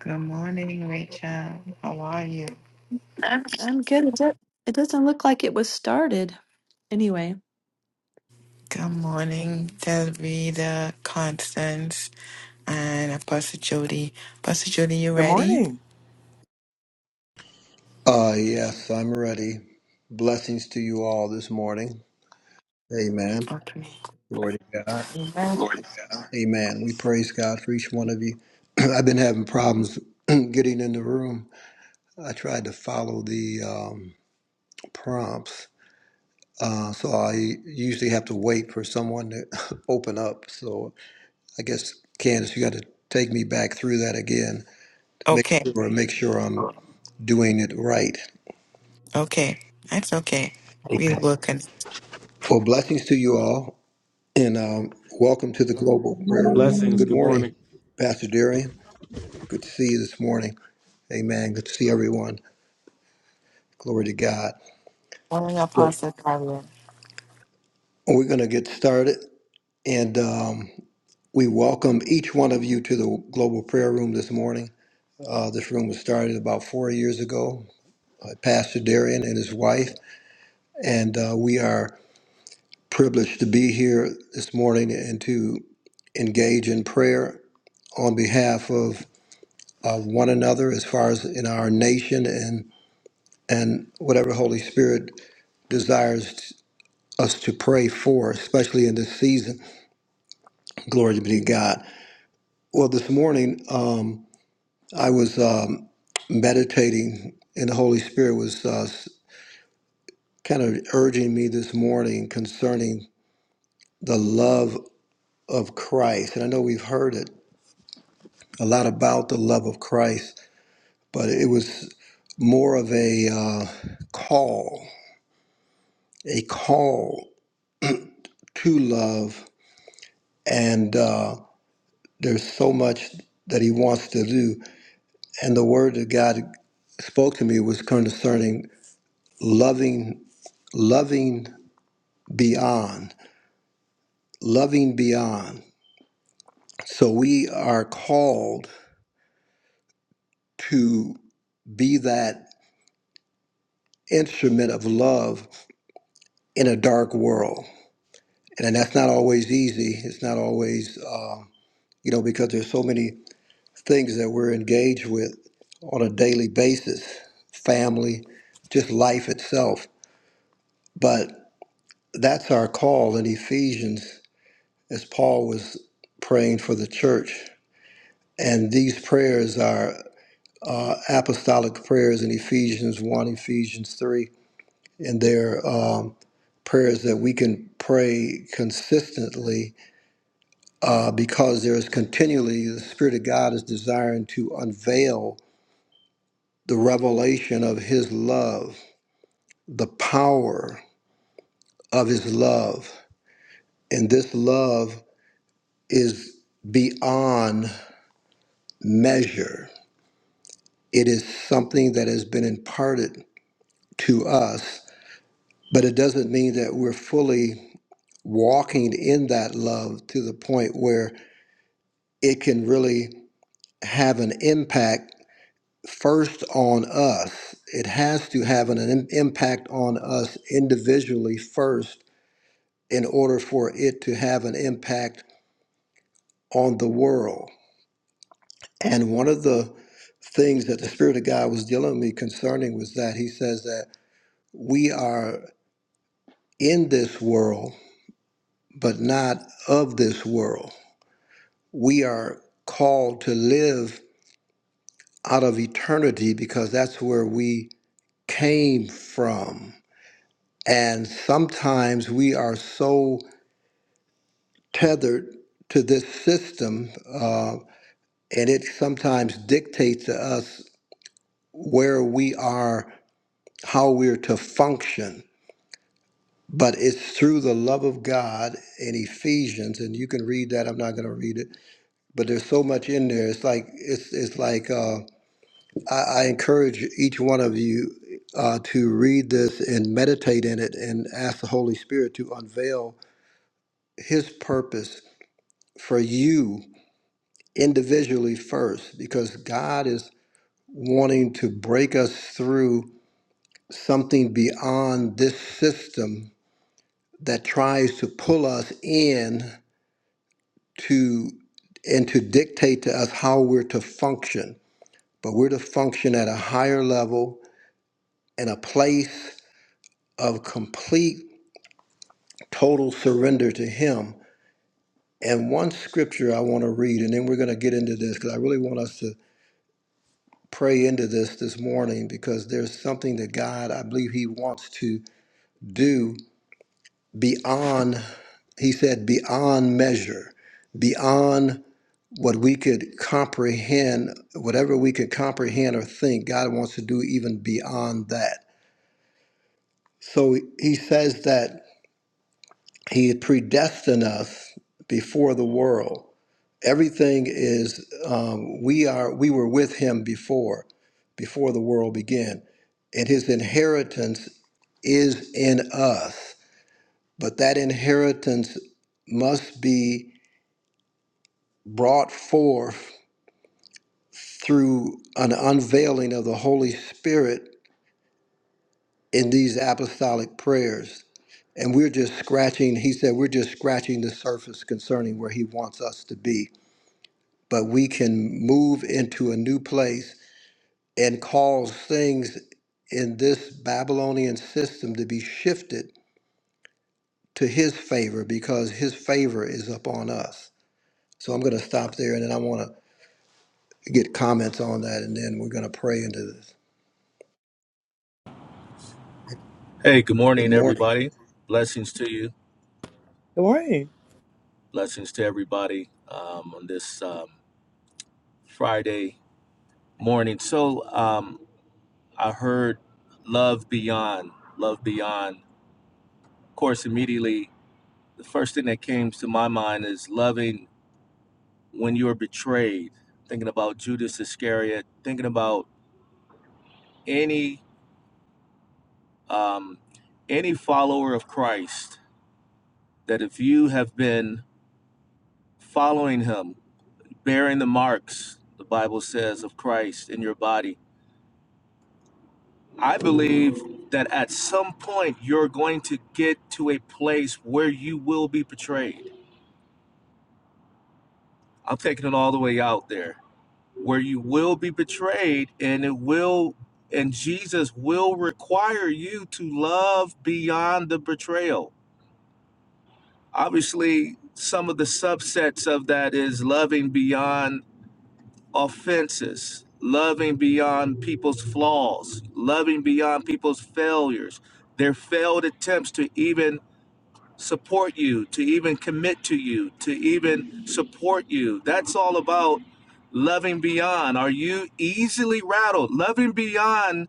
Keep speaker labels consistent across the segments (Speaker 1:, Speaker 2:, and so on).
Speaker 1: Good morning, Rachel. How are you?
Speaker 2: I'm good. It, do- it doesn't look like it was started. Anyway.
Speaker 1: Good morning, Delvita, Constance, and Apostle Jody. Apostle Jody, you
Speaker 3: Good
Speaker 1: ready?
Speaker 3: morning.
Speaker 4: Uh, yes, I'm ready. Blessings to you all this morning. Amen.
Speaker 1: Okay.
Speaker 4: Glory to God.
Speaker 1: Amen.
Speaker 4: Amen. We praise God for each one of you. I've been having problems getting in the room. I tried to follow the um, prompts, uh, so I usually have to wait for someone to open up. So I guess Candace, you got to take me back through that again to make
Speaker 1: Okay,
Speaker 4: sure make sure I'm doing it right.
Speaker 1: okay. That's okay. We will connect.
Speaker 4: Well, blessings to you all. And um, welcome to the Global Prayer Room.
Speaker 5: Blessings.
Speaker 6: Hallelujah.
Speaker 4: Good
Speaker 5: Good morning.
Speaker 4: morning, Pastor Darian. Good to see you this morning. Amen. Good to see everyone. Glory to God.
Speaker 1: Morning,
Speaker 4: Well,
Speaker 1: Apostle Carla.
Speaker 4: we're going to get started, and um, we welcome each one of you to the Global Prayer Room this morning. Uh, this room was started about four years ago by Pastor Darian and his wife, and uh, we are privileged to be here this morning and to engage in prayer on behalf of of one another as far as in our nation and and whatever Holy Spirit desires us to pray for, especially in this season. Glory be to God. Well, this morning um, I was um, meditating, and the Holy Spirit was uh, kind of urging me this morning concerning the love of Christ. And I know we've heard it a lot about the love of Christ, but it was more of a uh, call, a call to love, and uh, there's so much that He wants to do. And the word that God spoke to me was concerning loving, loving beyond, loving beyond. So we are called to be that instrument of love in a dark world, and that's not always easy. It's not always, uh, you know, because there's so many things that we're engaged with on a daily basis, family, just life itself. But that's our call in Ephesians, as Paul was praying for the church. And these prayers are uh, apostolic prayers in Ephesians 1, Ephesians 3, and they're um, prayers that we can pray consistently uh, because there is continually the Spirit of God is desiring to unveil the revelation of His love the power of his love. And this love is beyond measure. It is something that has been imparted to us, but it doesn't mean that we're fully walking in that love to the point where it can really have an impact first on us. It has to have an, im- impact on us individually first in order for it to have an impact on the world And one of the things that the Spirit of God was dealing with me concerning was that He says that we are in this world, but not of this world. We are called to live out of eternity because that's where we came from. And sometimes we are so tethered to this system, uh, and it sometimes dictates to us where we are, how we're to function But it's through the love of God in Ephesians, and you can read that. I'm not going to read it, but there's so much in there. It's like it's it's like uh, I, I encourage each one of you uh, to read this and meditate in it, and ask the Holy Spirit to unveil His purpose for you individually first, because God is wanting to break us through something beyond this system that tries to pull us in to and to dictate to us how we're to function but we're to function at a higher level in a place of complete total surrender to him and one scripture i want to read and then we're going to get into this because i really want us to pray into this this morning because there's something that god i believe he wants to do beyond he said beyond measure beyond what we could comprehend, whatever we could comprehend or think, God wants to do even beyond that. So he says that he had predestined us before the world. Everything is um, we are we were with him before, before the world began, and his inheritance is in us. But that inheritance must be brought forth through an unveiling of the Holy Spirit in these apostolic prayers. And we're just scratching, he said, we're just scratching the surface concerning where he wants us to be. But we can move into a new place and cause things in this Babylonian system to be shifted to his favor because his favor is upon us. So I'm going to stop there and then I want to get comments on that and then we're going to pray into this.
Speaker 7: Hey, good
Speaker 4: Good
Speaker 7: morning,
Speaker 4: morning.
Speaker 7: everybody. Blessings to you.
Speaker 3: Good morning.
Speaker 7: Blessings to everybody um, on this um, Friday morning. So um, I heard Love Beyond, Love Beyond. Of course, immediately, the first thing that came to my mind is loving when you're betrayed, thinking about Judas Iscariot, thinking about any, um, any follower of Christ, that if you have been following him, bearing the marks, the Bible says, of Christ in your body. I believe that at some point you're going to get to a place where you will be betrayed. I'm taking it all the way out there, where you will be betrayed and it will, and Jesus will require you to love beyond the betrayal. Obviously, some of the subsets of that is loving beyond offenses, loving beyond people's flaws, loving beyond people's failures, their failed attempts to even support you, to even commit to you, to even support you. That's all about loving beyond. Are you easily rattled? Loving beyond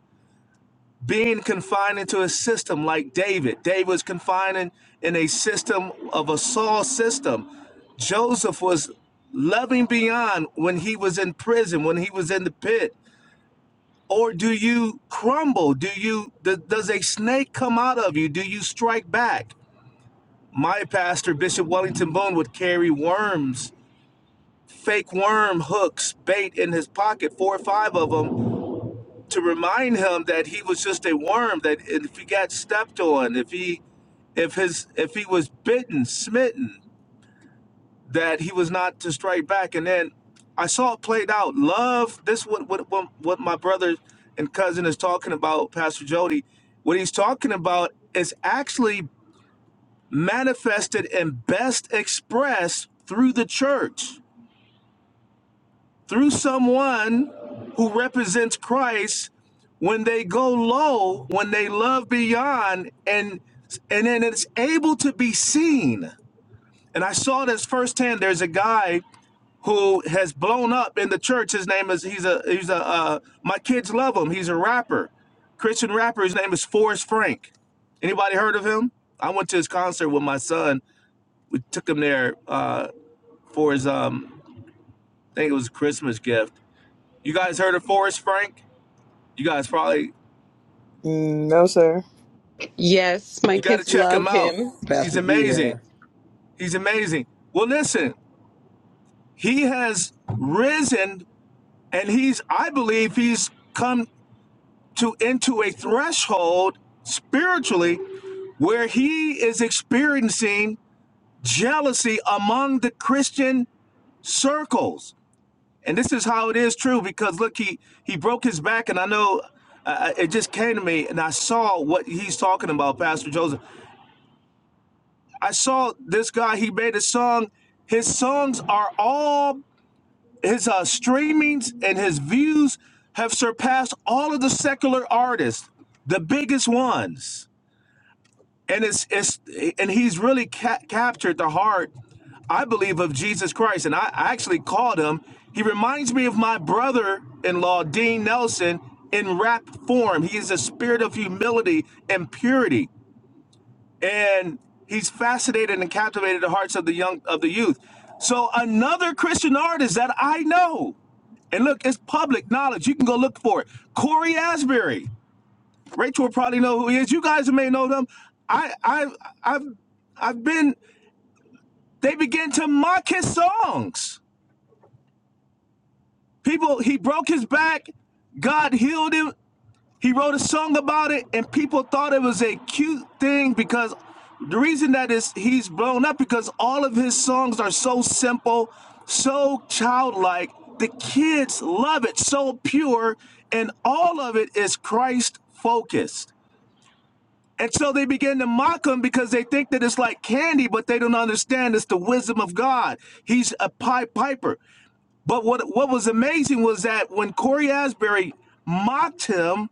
Speaker 7: being confined into a system like David. David was confined in, in a system of a Saul system. Joseph was loving beyond when he was in prison, when he was in the pit. Or do you crumble? Do you th- does a snake come out of you? Do you strike back? My pastor, Bishop Wellington Boone, would carry worms, fake worm hooks, bait in his pocket, four or five of them, to remind him that he was just a worm that if he got stepped on if he if his if he was bitten smitten that he was not to strike back and then i saw it played out love this what what what, what my brother and cousin is talking about pastor jody what he's talking about is actually manifested and best expressed through the church through someone who represents Christ when they go low, when they love beyond, and and then it's able to be seen. And I saw this firsthand. There's a guy who has blown up in the church. His name is he's a he's a uh, my kids love him. He's a rapper, Christian rapper. His name is Forrest Frank. Anybody heard of him? I went to his concert with my son. We took him there uh, for his um, I think it was a Christmas gift. You guys heard of Forrest Frank? You guys probably
Speaker 3: Mm, no, sir.
Speaker 8: Yes, my
Speaker 7: you got to
Speaker 8: kids
Speaker 7: check him
Speaker 8: love
Speaker 7: out.
Speaker 8: him.
Speaker 7: He's
Speaker 4: Pastor D
Speaker 7: amazing.
Speaker 4: here.
Speaker 7: He's amazing. Well, listen, he has risen, and he's I believe he's come to into a threshold spiritually where he is experiencing jealousy among the Christian circles. And this is how it is true because look, he he broke his back, and I know uh, uh, it just came to me, and I saw what he's talking about, Pastor Joseph. I saw this guy. He made a song. His songs are all his uh, streamings and his views have surpassed all of the secular artists, the biggest ones. And it's it's and he's really ca- captured the heart, I believe, of Jesus Christ. And I, I actually called him. He reminds me of my brother-in-law, Dean Nelson, in rap form. He is a spirit of humility and purity and he's fascinated and captivated the hearts of the young of the youth. So another Christian artist that I know, and look, it's public knowledge. You can go look for it. Corey Asbury. Rachel will probably know who he is. You guys may know them. I I I've I've been they begin to mock his songs. People, he broke his back. God healed him. He wrote a song about it, and people thought it was a cute thing because the reason that is he's blown up because all of his songs are so simple, so childlike. The kids love it, so pure, and all of it is Christ focused. And so they begin to mock him because they think that it's like candy, but they don't understand it's the wisdom of God. He's a pipe piper. But what what was amazing was that when Corey Asbury mocked him,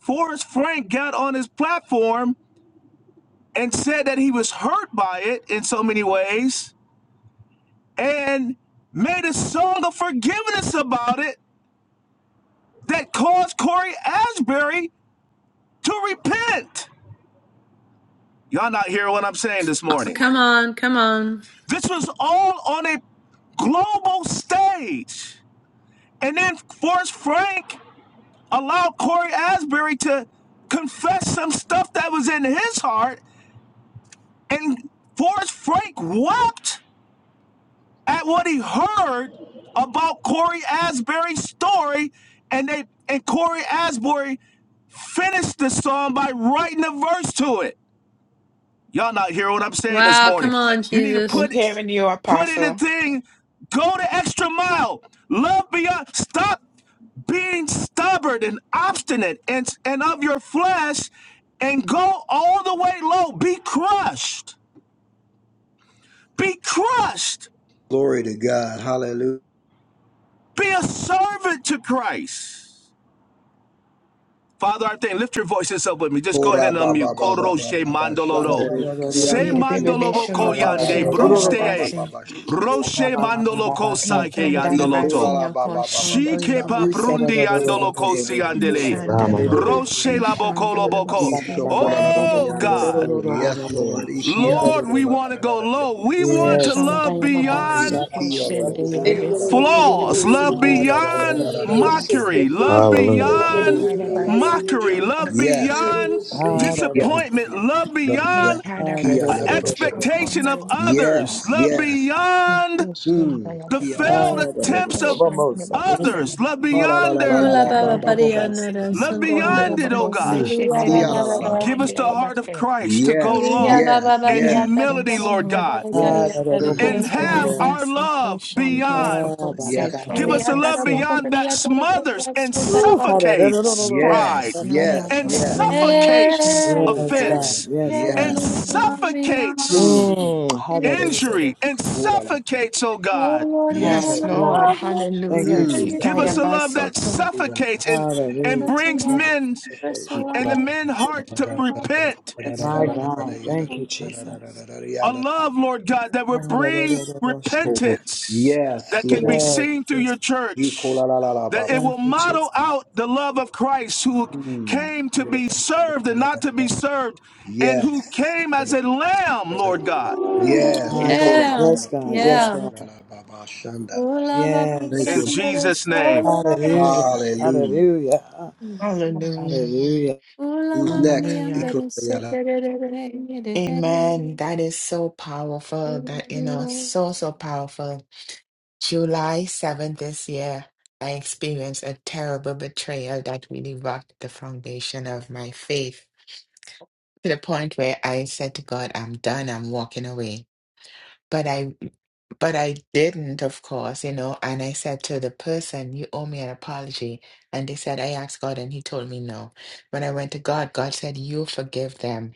Speaker 7: Forrest Frank got on his platform and said that he was hurt by it in so many ways and made a song of forgiveness about it that caused Corey Asbury to repent. Y'all not hearing what I'm saying this
Speaker 2: Oh,
Speaker 7: morning.
Speaker 2: come on, come on.
Speaker 7: This was all on a global stage. And then Forrest Frank allowed Corey Asbury to confess some stuff that was in his heart, and Forrest Frank wept at what he heard about Corey Asbury's story, and they and Corey Asbury finished the song by writing a verse to it. Y'all not hear what I'm saying this
Speaker 2: Wow,
Speaker 7: morning.
Speaker 2: come on,
Speaker 7: You need to
Speaker 2: Jesus.
Speaker 1: We're
Speaker 7: put
Speaker 1: hearing you,
Speaker 7: put in a
Speaker 1: Apostle.
Speaker 7: thing, go the extra mile, love beyond, stop being stubborn and obstinate and and of your flesh, and go all the way low. Be crushed. Be crushed.
Speaker 4: Glory to God. Hallelujah.
Speaker 7: Be a servant to Christ. Father, I thank. Lift your voices up with me. Just go ahead
Speaker 4: Kura
Speaker 7: and
Speaker 4: ba ba
Speaker 7: unmute.
Speaker 4: ba ba
Speaker 7: Koro
Speaker 4: ba
Speaker 7: she
Speaker 4: ba ba
Speaker 7: mandolodo.
Speaker 4: shandere
Speaker 7: Se
Speaker 1: Yeah, the
Speaker 4: kiyando
Speaker 1: baby,
Speaker 4: kura
Speaker 1: be
Speaker 7: mandolobo
Speaker 1: show
Speaker 4: ba
Speaker 7: ko
Speaker 1: your
Speaker 4: ba ba
Speaker 7: yande
Speaker 4: ba
Speaker 1: caution,
Speaker 4: ba
Speaker 1: Dada
Speaker 4: ba ba ba
Speaker 7: bruste
Speaker 4: ba
Speaker 1: Babasi.
Speaker 4: ba shikura
Speaker 7: Roche
Speaker 4: ba ba ba ba
Speaker 7: mandoloko
Speaker 4: ba
Speaker 7: sake
Speaker 1: Tan Dada
Speaker 4: ikura
Speaker 7: yandoloto.
Speaker 1: Basi,
Speaker 4: la
Speaker 1: your
Speaker 4: ba ba ba ba
Speaker 1: caution,
Speaker 4: ba
Speaker 7: She
Speaker 1: Doyan
Speaker 7: kepa
Speaker 4: shandere
Speaker 1: Babasi.
Speaker 4: yando
Speaker 7: prundi
Speaker 4: kura la
Speaker 7: andolo
Speaker 4: la
Speaker 7: si
Speaker 4: yando kura
Speaker 7: andele.
Speaker 4: la
Speaker 1: San
Speaker 4: la
Speaker 1: Dada
Speaker 4: yando ro ro ro
Speaker 7: Roche
Speaker 1: Babasi,
Speaker 4: kita
Speaker 1: Sean
Speaker 7: laboko
Speaker 1: Doyan
Speaker 7: loboko.
Speaker 4: isho
Speaker 1: Babasi,
Speaker 4: kura
Speaker 1: Tan
Speaker 4: la la
Speaker 1: Dada
Speaker 4: la
Speaker 7: Oh
Speaker 4: yando
Speaker 1: Babasi.
Speaker 7: God,
Speaker 4: kura yes Lord ikiya
Speaker 7: Lord, we
Speaker 4: kura la
Speaker 7: want to
Speaker 4: la la
Speaker 7: go
Speaker 4: la yando
Speaker 7: low. We want
Speaker 4: yes
Speaker 7: to
Speaker 3: Yes,
Speaker 1: Session
Speaker 4: Lord
Speaker 3: God.
Speaker 7: love
Speaker 4: Eh,
Speaker 1: Diababasi
Speaker 7: beyond
Speaker 4: kiyo lo
Speaker 1: question
Speaker 4: lo kuya la la la
Speaker 1: Diababasi
Speaker 7: flaws,
Speaker 1: Diababasi.
Speaker 7: love
Speaker 3: Ah, ah,
Speaker 4: Ikiya la la
Speaker 7: beyond
Speaker 4: la la la la la la la.
Speaker 7: mockery, love
Speaker 4: Ikura
Speaker 5: Hallelujah.
Speaker 4: la la la la
Speaker 7: beyond
Speaker 4: ba ba ba
Speaker 1: Nitadabasi
Speaker 4: ba.
Speaker 7: mockery, love
Speaker 4: yes
Speaker 1: Diababasi.
Speaker 7: beyond
Speaker 3: Ah,
Speaker 4: ikiya
Speaker 7: disappointment, love beyond
Speaker 3: Ah,
Speaker 1: Nitadabasi Ashokon
Speaker 7: expectation of
Speaker 1: Diababasi.
Speaker 7: others,
Speaker 4: Yes,
Speaker 7: love
Speaker 4: yes.
Speaker 1: I shall call the Babasi.
Speaker 7: beyond
Speaker 1: Question
Speaker 4: Mm.
Speaker 7: the
Speaker 4: Kia la la.
Speaker 7: failed
Speaker 3: Ah, da- da-
Speaker 1: Diababasi
Speaker 3: da-
Speaker 7: attempts
Speaker 3: da-
Speaker 7: of
Speaker 1: question
Speaker 3: Bobosa.
Speaker 4: Oh,
Speaker 1: Diababasi.
Speaker 7: others, love
Speaker 3: Ah,
Speaker 4: ha la
Speaker 3: da-
Speaker 4: la
Speaker 7: beyond
Speaker 4: la la
Speaker 7: their
Speaker 4: la
Speaker 2: Kula
Speaker 4: la
Speaker 3: da-
Speaker 4: ba
Speaker 2: baba
Speaker 3: da- da-
Speaker 4: ba
Speaker 2: buddy.
Speaker 4: ba ba.
Speaker 3: Bobosa.
Speaker 1: Nitadabasi.
Speaker 7: love
Speaker 1: Akon
Speaker 4: Kia
Speaker 7: beyond
Speaker 4: la.
Speaker 7: it, oh
Speaker 1: Diababasi
Speaker 4: Mm.
Speaker 7: God.
Speaker 3: Ah,
Speaker 4: Kia la
Speaker 3: ma-
Speaker 4: la
Speaker 1: Shikadabasi
Speaker 4: la ba.
Speaker 7: Give us the heart of
Speaker 1: Kindabasi.
Speaker 7: Christ to go
Speaker 4: Yes,
Speaker 7: low
Speaker 4: yes,
Speaker 7: in
Speaker 4: yes,
Speaker 1: Nitadabasi
Speaker 7: humility, Lord God,
Speaker 3: ah
Speaker 4: yes.
Speaker 3: da da da
Speaker 7: and have
Speaker 3: Bobosa.
Speaker 7: our love
Speaker 1: question
Speaker 4: Mm, cool.
Speaker 7: beyond
Speaker 3: Ah, da, da
Speaker 1: Diababasi
Speaker 4: Yes,
Speaker 7: Give
Speaker 4: Father.
Speaker 3: Bobosa.
Speaker 7: us a love
Speaker 1: Diababasi.
Speaker 7: beyond that smothers and
Speaker 4: Mm.
Speaker 3: Ooh, ah, da da da, da da da ma,
Speaker 7: suffocates
Speaker 3: Arabosa.
Speaker 4: Yes,
Speaker 7: pride
Speaker 1: Yes,
Speaker 3: Babababasa. da da
Speaker 1: Lord.
Speaker 4: yes,
Speaker 7: and
Speaker 3: Abababasa.
Speaker 4: yes.
Speaker 1: Hallelujah. Jesus.
Speaker 3: Ooh, da
Speaker 7: suffocates
Speaker 2: Yeah,
Speaker 3: da
Speaker 4: Oh,
Speaker 3: Yes,
Speaker 2: yeah,
Speaker 4: cool la la.
Speaker 3: God.
Speaker 7: offense
Speaker 3: Yes,
Speaker 2: yeah.
Speaker 7: and
Speaker 4: Yes.
Speaker 3: God.
Speaker 2: Lord,
Speaker 1: Mm.
Speaker 2: love me, love
Speaker 4: Mm.
Speaker 7: suffocates
Speaker 3: Mm. Ah, da da- da- da-
Speaker 7: injury and
Speaker 3: da.
Speaker 4: Cool la la.
Speaker 7: suffocates, oh
Speaker 2: Oh
Speaker 7: God.
Speaker 2: Lord, we
Speaker 4: Yes,
Speaker 2: want
Speaker 1: Yes,
Speaker 2: to
Speaker 4: Father.
Speaker 1: Lord.
Speaker 3: Hallelujah.
Speaker 2: love
Speaker 3: Thank
Speaker 2: more
Speaker 3: you,
Speaker 1: Hallelujah.
Speaker 2: than
Speaker 4: Mm.
Speaker 7: Give
Speaker 3: Jesus.
Speaker 4: Kia
Speaker 7: us
Speaker 1: Sitaya
Speaker 7: a
Speaker 2: anything.
Speaker 4: la.
Speaker 7: love that
Speaker 1: basoto.
Speaker 4: Cool, la,
Speaker 7: suffocates and,
Speaker 4: la, la.
Speaker 7: and
Speaker 3: Hallelujah.
Speaker 2: That's a
Speaker 7: brings
Speaker 3: Thank
Speaker 7: men
Speaker 3: you,
Speaker 2: That's a
Speaker 3: Jesus.
Speaker 4: Yes,
Speaker 7: and the men's hearts
Speaker 2: That's
Speaker 7: to
Speaker 2: a
Speaker 4: Lord.
Speaker 7: repent
Speaker 2: That's a
Speaker 3: My God. Thank you, Jesus.
Speaker 7: a love, Lord God, that will
Speaker 3: Ah, da da-
Speaker 7: bring
Speaker 3: da- da- da- da.
Speaker 4: Hmm.
Speaker 7: repentance
Speaker 4: Yes.
Speaker 7: that can be
Speaker 3: Yes,
Speaker 7: seen through your
Speaker 3: yes.
Speaker 7: church, that it will
Speaker 3: Thank you, Jesus.
Speaker 7: model out the love of Christ who came to be served and not to be served, and who came as a lamb, Lord God,
Speaker 4: Yes.
Speaker 3: My
Speaker 4: Thank
Speaker 3: God.
Speaker 2: Yeah,
Speaker 3: Yes, God. Yes,
Speaker 2: yeah.
Speaker 3: God.
Speaker 2: Ula baba ni
Speaker 7: in
Speaker 4: you.
Speaker 3: Yes.
Speaker 2: andere
Speaker 7: Jesus' name.
Speaker 2: sola baba.
Speaker 3: Hallelujah.
Speaker 4: Hallelujah.
Speaker 3: Hallelujah.
Speaker 1: Hallelujah.
Speaker 3: Hallelujah.
Speaker 2: Ula
Speaker 4: Who's
Speaker 2: mama ni
Speaker 4: next?
Speaker 1: Hallelujah.
Speaker 2: andere se re re re re re
Speaker 1: Amen. That is so powerful. That, you know,
Speaker 2: re.
Speaker 1: so, so powerful. July 7th this year, I experienced a terrible betrayal that really rocked the foundation of my faith to the point where I said to God, I'm done. I'm walking away. but I but I didn't, of course, you know, and I said to the person, You owe me an apology. And they said, I asked God and he told me no. When I went to God, God said, You forgive them.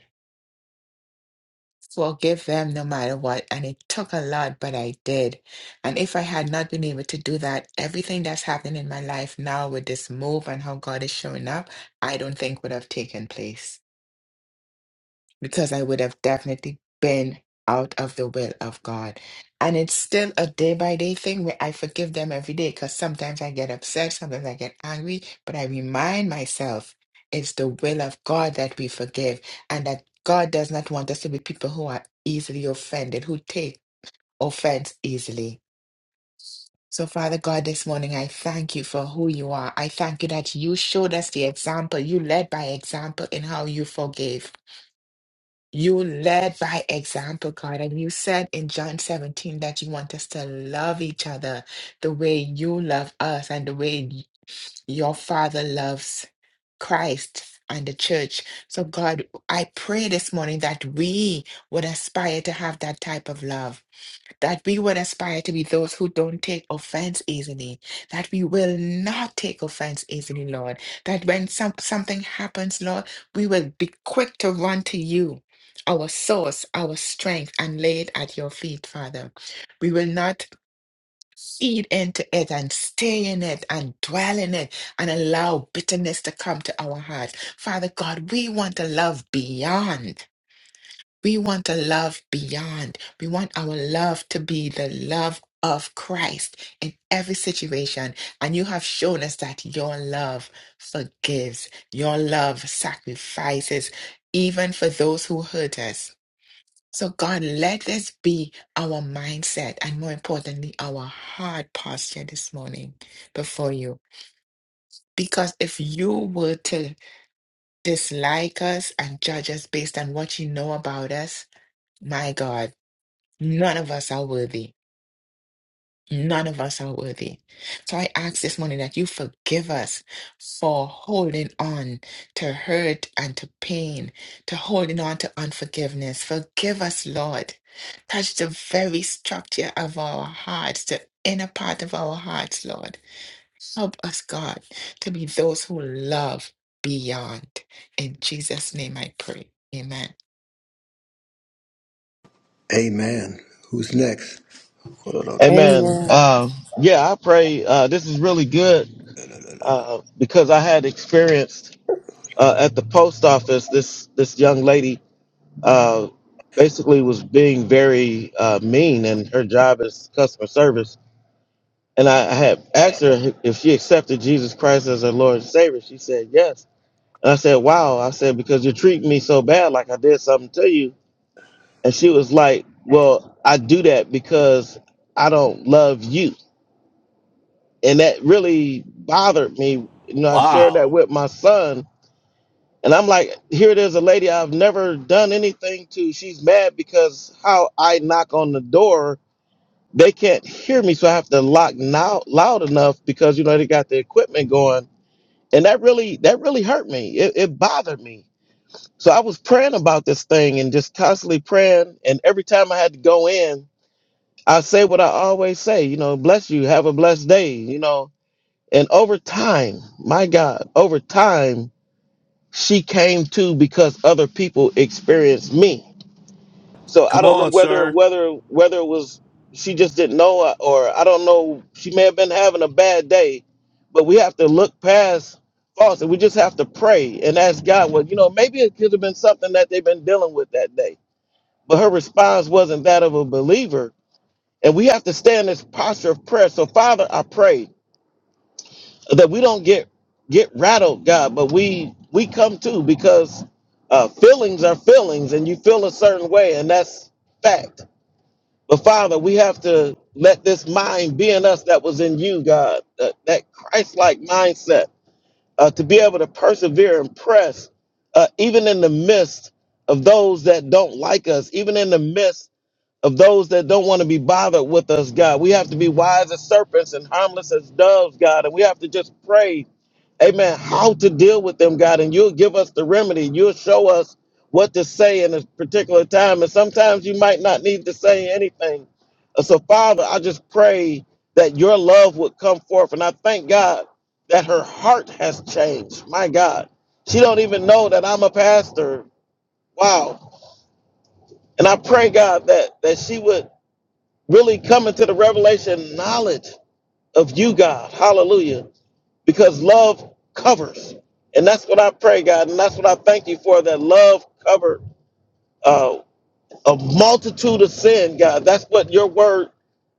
Speaker 1: Forgive them no matter what. And it took a lot, but I did. And if I had not been able to do that, everything that's happening in my life now with this move and how God is showing up, I don't think would have taken place. because I would have definitely been out of the will of God. And it's still a day by day thing where I forgive them every day because sometimes I get upset, sometimes I get angry, but I remind myself it's the will of God that we forgive and that God does not want us to be people who are easily offended, who take offense easily. So, Father God, this morning I thank you for who you are. I thank you that you showed us the example. You led by example in how you forgave. You led by example, God, and you said in John 17 that you want us to love each other the way you love us and the way y- your Father loves Christ and the church. So, God, I pray this morning that we would aspire to have that type of love that we would aspire to be those who don't take offense easily, that we will not take offense easily, Lord, that when some, something happens, Lord, we will be quick to run to you, our source, our strength, and lay it at your feet, Father. We will not feed into it and stay in it and dwell in it and allow bitterness to come to our hearts. Father God, we want to love beyond. We want a love beyond. We want our love to be the love of Christ in every situation. And you have shown us that your love forgives, your love sacrifices, even for those who hurt us. So, God, let this be our mindset and more importantly, our heart posture this morning before you. Because if you were to dislike us and judge us based on what you know about us, my God. None of us are worthy. None of us are worthy. So I ask this morning that you forgive us for holding on to hurt and to pain, to holding on to unforgiveness. Forgive us, Lord. Touch the very structure of our hearts, the inner part of our hearts, Lord. Help us, God, to be those who love beyond. In Jesus' name I pray. Amen.
Speaker 4: Amen. Who's next?
Speaker 5: Amen.
Speaker 3: Amen.
Speaker 5: Uh, yeah, I pray uh, this is really good uh, because I had experienced uh, at the post office this this young lady uh, basically was being very uh, mean, and her job is customer service. And I, I had asked her if she accepted Jesus Christ as her Lord and Savior. She said yes. And I said, "Wow!" I said because you're treating me so bad, like I did something to you. And she was like, Well, I do that because I don't love you. And that really bothered me. You know, I shared that
Speaker 7: Wow.
Speaker 5: with my son. And I'm like, here it is, a lady I've never done anything to. She's mad because how I knock on the door, they can't hear me. So I have to lock now loud enough because, you know, they got the equipment going. And that really, that really hurt me. It, it bothered me. So I was praying about this thing and just constantly praying. And every time I had to go in, I say what I always say, you know, bless you, have a blessed day, you know. And over time, my God, over time, she came to because other people experienced me. So I
Speaker 7: Come
Speaker 5: don't know
Speaker 7: on,
Speaker 5: whether
Speaker 7: sir.
Speaker 5: whether whether it was she just didn't know or I don't know, she may have been having a bad day, but we have to look past faults and we just have to pray and ask God, well, you know, maybe it could have been something that they've been dealing with that day. But her response wasn't that of a believer and we have to stay in this posture of prayer. So, Father, I pray that we don't get get rattled, God, but we we come to because uh, feelings are feelings, and you feel a certain way, and that's fact. But Father, we have to let this mind be in us that was in you, God, that, that Christ-like mindset uh, to be able to persevere and press, uh, even in the midst of those that don't like us, even in the midst of those that don't want to be bothered with us, God. We have to be wise as serpents and harmless as doves, God. And we have to just pray, amen, how to deal with them, God. And you'll give us the remedy. You'll show us what to say in a particular time. And sometimes you might not need to say anything. Uh, So, Father, I just pray that your love would come forth. And I thank God that her heart has changed. My God. She don't even know that I'm a pastor. Wow. And I pray, God, that that she would really coming to the revelation and knowledge of you, God. Hallelujah. Because love covers. And that's what I pray, God. And that's what I thank you for that love covered. Uh, a multitude of sin, God. That's what your word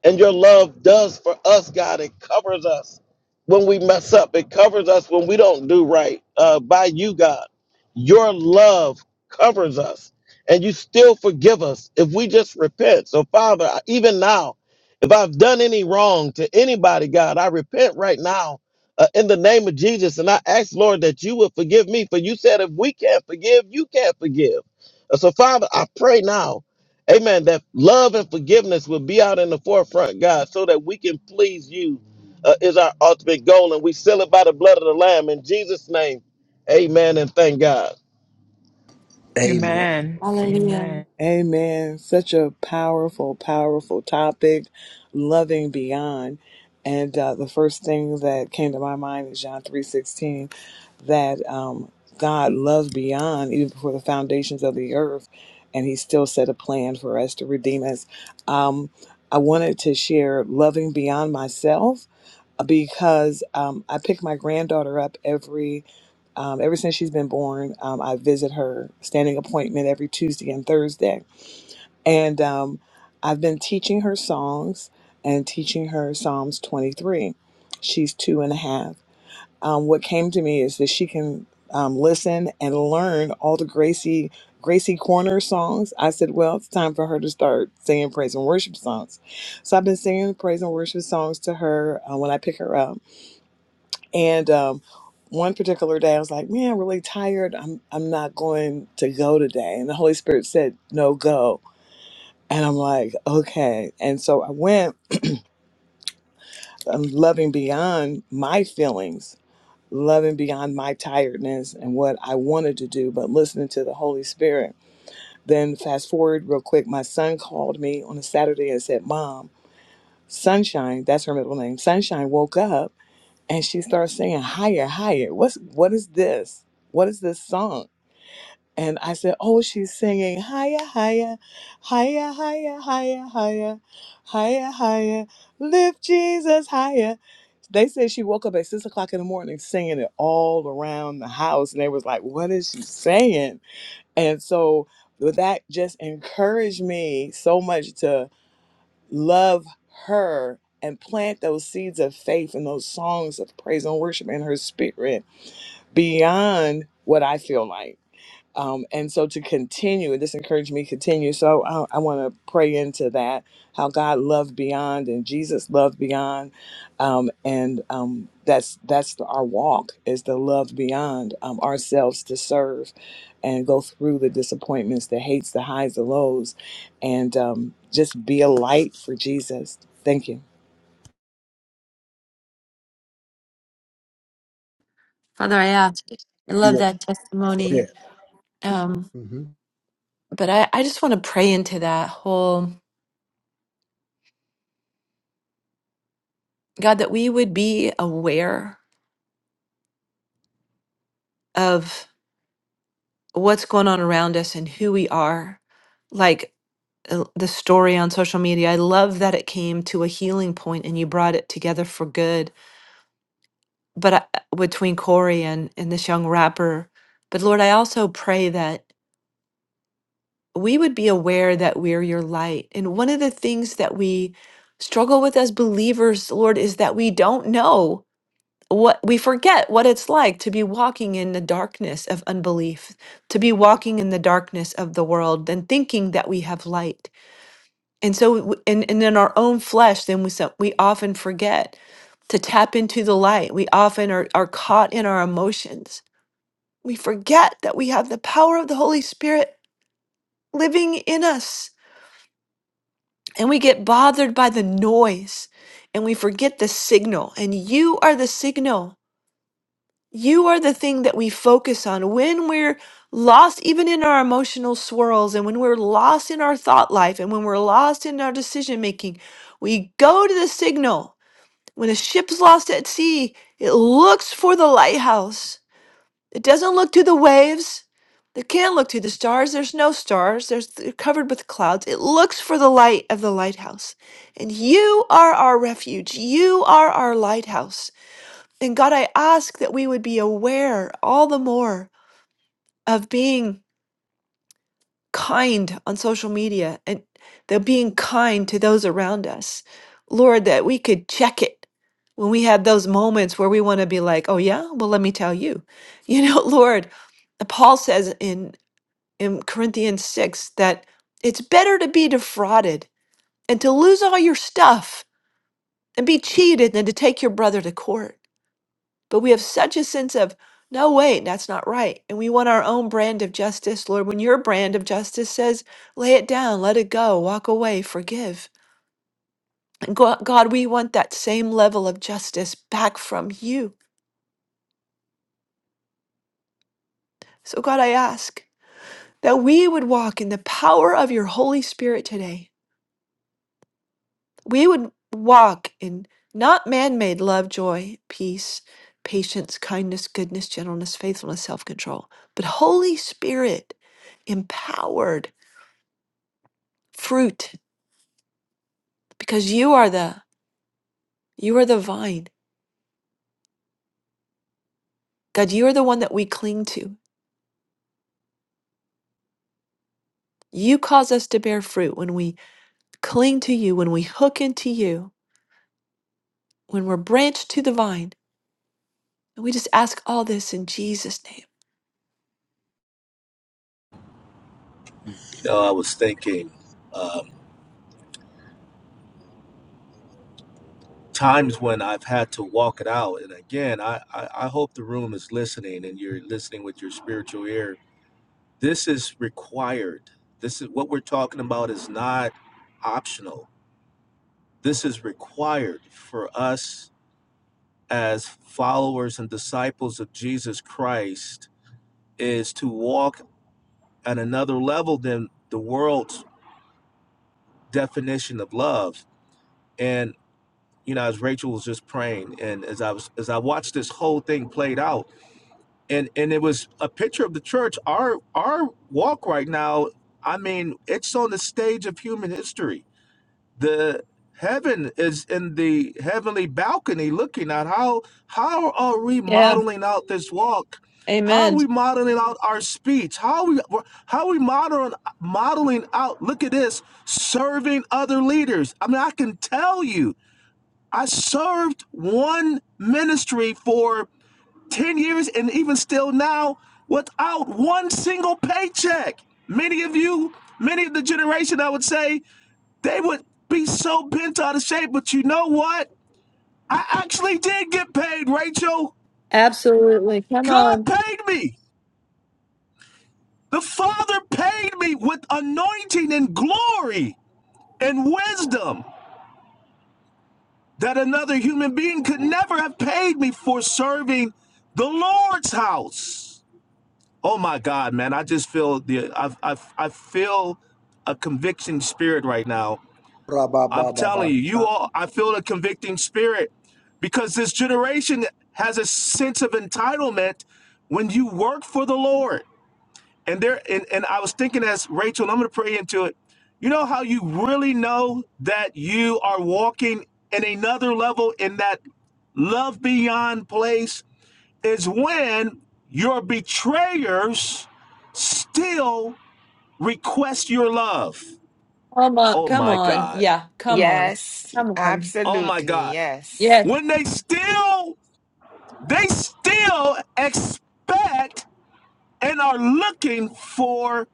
Speaker 5: and your love does for us, God. It covers us when we mess up, it covers us when we don't do right uh, by you, God. Your love covers us, and you still forgive us if we just repent. So, Father, I- even now, if I've done any wrong to anybody, God, I repent right now. Uh, in the name of Jesus, and I ask, Lord, that you would forgive me. For you said, if we can't forgive, you can't forgive. So, Father, I pray now, amen, that love and forgiveness will be out in the forefront, God, so that we can please you uh, is our ultimate goal. And we seal it by the blood of the Lamb in Jesus' name. Amen and thank God.
Speaker 4: Amen.
Speaker 1: Amen.
Speaker 2: Hallelujah.
Speaker 3: Amen. Such a powerful, powerful topic, loving beyond. And uh, the first thing that came to my mind is John three sixteen, that um, God loved beyond even before the foundations of the earth, and He still set a plan for us to redeem us. Um, I wanted to share loving beyond myself because um, I pick my granddaughter up every um, ever since she's been born. Um, I visit her standing appointment every Tuesday and Thursday, and um, I've been teaching her songs and teaching her Psalms 23. She's two and a half. Um, what came to me is that she can um, listen and learn all the Gracie Gracie Corner songs. I said, well, it's time for her to start singing praise and worship songs. So I've been singing praise and worship songs to her uh, when I pick her up and um, one particular day, I was like, "Man, I'm really tired. I'm I'm not going to go today." And the Holy Spirit said, "No, go." And I'm like, "Okay." And so I went. I'm loving beyond my feelings, loving beyond my tiredness and what I wanted to do, but listening to the Holy Spirit. Then fast forward real quick. My son called me on a Saturday and said, "Mom, Sunshine. That's her middle name. Sunshine woke up." And she starts singing higher, higher. What's what is this? What is this song? And I said, Oh, she's singing higher, higher, higher, higher, higher, higher, higher, higher, lift Jesus higher. They said she woke up at six o'clock in the morning singing it all around the house. And they was like, What is she saying? And so that just encouraged me so much to love her and plant those seeds of faith and those songs of praise and worship in her spirit beyond what I feel like um, and so to continue and this encouraged me to continue so i, I want to pray into that how god loved beyond and jesus loved beyond um, and um, that's that's the, our walk is to love beyond um, ourselves to serve and go through the disappointments the hates the highs the lows and um, just be a light for jesus thank you
Speaker 2: Father, I ask. I
Speaker 4: You
Speaker 2: love
Speaker 4: want-
Speaker 2: that
Speaker 4: Go
Speaker 2: testimony.
Speaker 4: ahead.
Speaker 2: Um, but I, I just want to pray into that whole God that we would be aware of. what's going on around us and who we are. Like uh, the story on social media, I love that it came to a healing point and you brought it together for good. But I, between Corey and, and this young rapper, but Lord, I also pray that we would be aware that we're your light. And one of the things that we struggle with as believers, Lord, is that we don't know. what we forget what it's like to be walking in the darkness of unbelief, to be walking in the darkness of the world and thinking that we have light. And so, w- and, and in our own flesh, then we, so- we often forget to tap into the light. We often are, are caught in our emotions. We forget that we have the power of the Holy Spirit living in us and we get bothered by the noise and we forget the signal. And you are the signal. You are the thing that we focus on when we're lost, even in our emotional swirls, and when we're lost in our thought life, and when we're lost in our decision making. We go to the signal. When a ship's lost at sea, it looks for the lighthouse. It doesn't look to the waves. It can't look to the stars. There's no stars. There's they're covered with clouds. It looks for the light of the lighthouse. And you are our refuge. You are our lighthouse. And God, I ask that we would be aware all the more of being kind on social media and the being kind to those around us. Lord, that we could check it when we have those moments where we want to be like, oh, yeah, well, let me tell you. You know, Lord, Paul says in, in Corinthians 6 that it's better to be defrauded and to lose all your stuff and be cheated than to take your brother to court. But we have such a sense of, no, wait, that's not right. And we want our own brand of justice, Lord. When your brand of justice says, lay it down, let it go, walk away, forgive. And Go- God, we want that same level of justice back from you. So, God, I ask that we would walk in the power of your Holy Spirit today. We would walk in not man made love, joy, peace, patience, kindness, goodness, gentleness, faithfulness, self control, but Holy Spirit empowered fruit because you are the you are the vine god you are the one that we cling to you cause us to bear fruit when we cling to you when we hook into you when we're branched to the vine and we just ask all this in jesus name
Speaker 7: You know, I was thinking um, times when I've had to walk it out. And again, I, I, I hope the room is listening and you're listening with your spiritual ear This is required. This is what we're talking about is not optional. This is required for us as followers and disciples of Jesus Christ is to walk at another level than the world's definition of love. And you know, as Rachel was just praying, and as I was as I watched this whole thing played out, and and it was a picture of the church. Our our walk right now, I mean, it's on the stage of human history the heaven is in the heavenly balcony looking at how how are we
Speaker 2: yeah
Speaker 7: modeling out this walk how are
Speaker 2: amen
Speaker 7: we modeling out our speech how are we how are we modeling modeling out look at this serving other leaders i mean i can tell you i served one ministry for 10 years and even still now without one single paycheck many of you many of the generation i would say they would be so bent out of shape. But you know what? I actually did get paid, Rachel.
Speaker 2: Absolutely. Come
Speaker 7: God
Speaker 2: on.
Speaker 7: paid me. The Father paid me with anointing and glory and wisdom that another human being could never have paid me for serving the Lord's house. Oh my God, man! I just feel the I I, I feel a conviction spirit right now I'm telling you,
Speaker 4: Mm-hmm.
Speaker 7: you all, I feel a convicting spirit because this generation has a sense of entitlement when you work for the Lord. And there, and, and I was thinking as Rachel, and I'm going to pray into it. You know how you really know that you are walking in another level in that love beyond place is when your betrayers still request your love.
Speaker 2: Come on.
Speaker 7: Oh
Speaker 2: Come
Speaker 7: my
Speaker 2: on.
Speaker 7: God.
Speaker 2: Yeah. Come on.
Speaker 1: Yes,
Speaker 2: Come on.
Speaker 7: Oh my
Speaker 1: absolutely.
Speaker 7: God.
Speaker 1: Yes.
Speaker 2: Yes.
Speaker 7: when they still they still expect and are looking for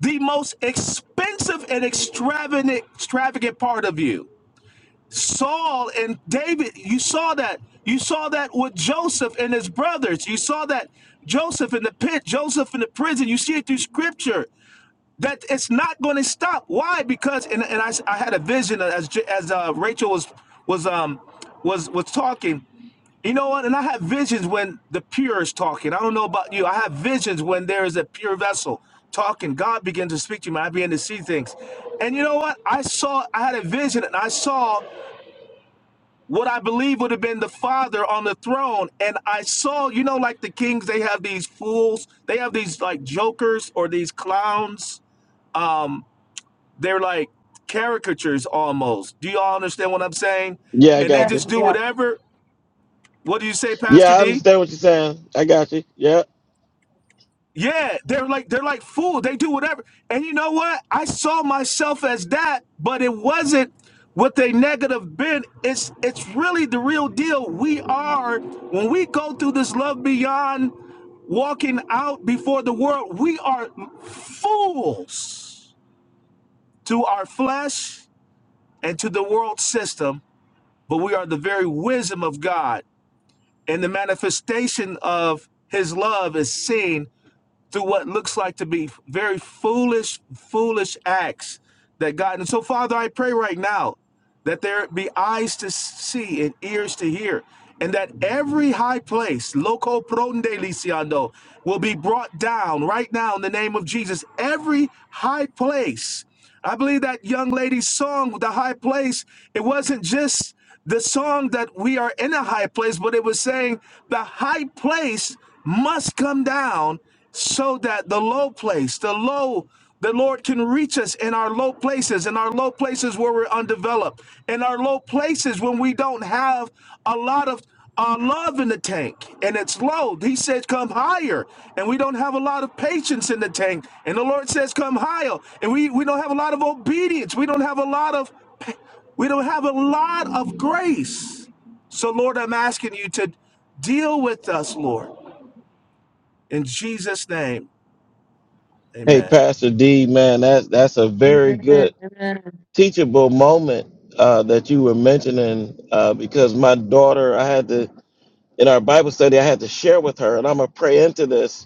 Speaker 7: the most expensive and extravagant extravagant part of you Saul and David you saw that you saw that with Joseph and his brothers you saw that Joseph in the pit Joseph in the prison you see it through scripture that it's not going to stop. Why? Because and, and I I had a vision as as uh, Rachel was was um was was talking. You know what? And I have visions when the pure is talking. I don't know about you. I have visions when there is a pure vessel talking. God begins to speak to me. I begin to see things. And you know what? I saw. I had a vision, and I saw what I believe would have been the Father on the throne. And I saw, you know, like the kings, they have these fools. They have these like jokers or these clowns they're like caricatures almost. Do y'all understand what I'm saying?
Speaker 5: Yeah, I
Speaker 7: And they
Speaker 5: got
Speaker 2: Yes.
Speaker 5: you.
Speaker 7: just do
Speaker 2: Yeah.
Speaker 7: whatever. What do you say,
Speaker 5: Yeah,
Speaker 7: Pastor
Speaker 5: I
Speaker 7: D?
Speaker 5: understand what you're saying. I got you. Yeah.
Speaker 7: Yeah, they're like they're like fools. They do whatever. And you know what? I saw myself as that, but it wasn't with a negative bent. It's it's really the real deal. We are when we go through this love beyond walking out before the world, we are fools to our flesh and to the world system but we are the very wisdom of God. And the manifestation of his love is seen through what looks like to be very foolish, foolish acts that God. And so, Father, I pray right now that there be eyes to see and ears to hear, and that every high place, loco pronde lisiando, will be brought down right now in the name of Jesus. Every high place. I believe that young lady's song, The High Place, it wasn't just the song that we are in a high place, but it was saying the high place must come down so that the low place, the low, the Lord can reach us in our low places, in our low places where we're undeveloped, in our low places when we don't have a lot of uh, love in the tank and it's low. He said, Come higher. And we don't have a lot of patience in the tank. And the Lord says, Come higher. And we, we don't have a lot of obedience. We don't have a lot of. pa- We don't have a lot of grace. So, Lord, I'm asking you to deal with us, Lord, in Jesus' name.
Speaker 5: Hey,
Speaker 7: Amen.
Speaker 5: Pastor D, man, that's that's a very good
Speaker 2: Amen. Amen.
Speaker 5: teachable moment uh, that you were mentioning uh, because my daughter, I had to in our Bible study, I had to share with her, and I'm gonna pray into this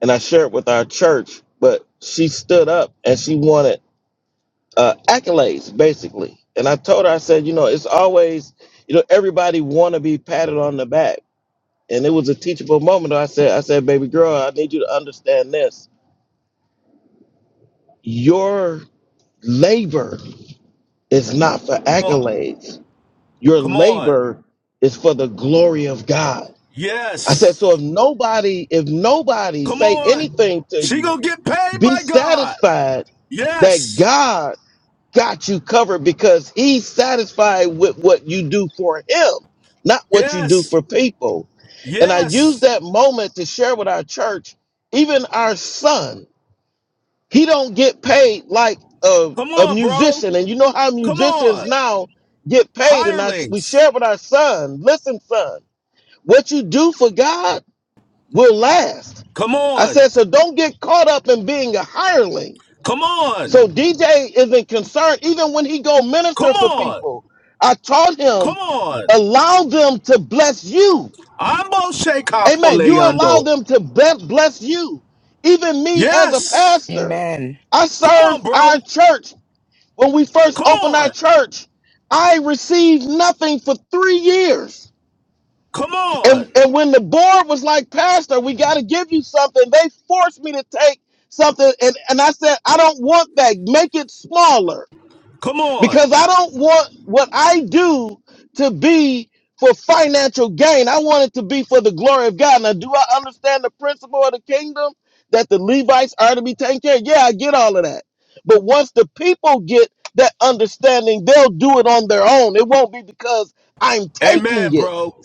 Speaker 5: and I shared with our church. But she stood up and she wanted uh, accolades, basically. And I told her, I said, you know, it's always, you know, everybody want to be patted on the back. And it was a teachable moment. I said, I said, baby girl, I need you to understand this. Your labor is not for
Speaker 7: Oh,
Speaker 5: accolades. Your
Speaker 7: come on.
Speaker 5: labor is for the glory of God. I said,
Speaker 7: Yes.
Speaker 5: so if nobody, if nobody
Speaker 7: Come
Speaker 5: say
Speaker 7: on.
Speaker 5: anything to
Speaker 7: She
Speaker 5: you,
Speaker 7: gonna get paid
Speaker 5: be
Speaker 7: by God.
Speaker 5: satisfied that
Speaker 7: Yes.
Speaker 5: God got you covered because he's satisfied with what you do for him, not what you do
Speaker 7: Yes.
Speaker 5: for people. And I use
Speaker 7: Yes.
Speaker 5: that moment to share with our church, even our son, he don't get paid like a,
Speaker 7: Come
Speaker 5: a
Speaker 7: on, bro.
Speaker 5: musician. And you know how
Speaker 7: Come
Speaker 5: musicians
Speaker 7: on.
Speaker 5: now get paid. And I, we
Speaker 7: Hirelings.
Speaker 5: share with our son, listen, son, what you do for God will last.
Speaker 7: Come
Speaker 5: I
Speaker 7: on.
Speaker 5: said, so don't get caught up in being a hireling
Speaker 7: Come
Speaker 5: so
Speaker 7: on.
Speaker 5: DJ isn't concerned even when he go
Speaker 7: Come
Speaker 5: minister for
Speaker 7: on.
Speaker 5: people. I taught him
Speaker 7: Come on.
Speaker 5: allow them to bless you.
Speaker 7: Ambo am Moshe
Speaker 5: Amen. You allow them to be- bless you. Even me as a
Speaker 7: Yes.
Speaker 5: pastor,
Speaker 1: Amen.
Speaker 5: I
Speaker 7: Come on,
Speaker 5: served our
Speaker 7: bro.
Speaker 5: church when we first
Speaker 7: Come
Speaker 5: opened our
Speaker 7: on.
Speaker 5: church. I received nothing for three years.
Speaker 7: Come
Speaker 5: And,
Speaker 7: on.
Speaker 5: and when the board was like, Pastor, we got to give you something, they forced me to take something. And, and I said, I don't want that. Make it smaller.
Speaker 7: Come on.
Speaker 5: because I don't want what I do to be for financial gain. I want it to be for the glory of God. Now, do I understand the principle of the kingdom that the Levites are to be taken care of? Yeah, I get all of that. But once the people get that understanding, they'll do it on their own. It won't be because I'm taking
Speaker 7: Amen,
Speaker 5: it.
Speaker 7: bro.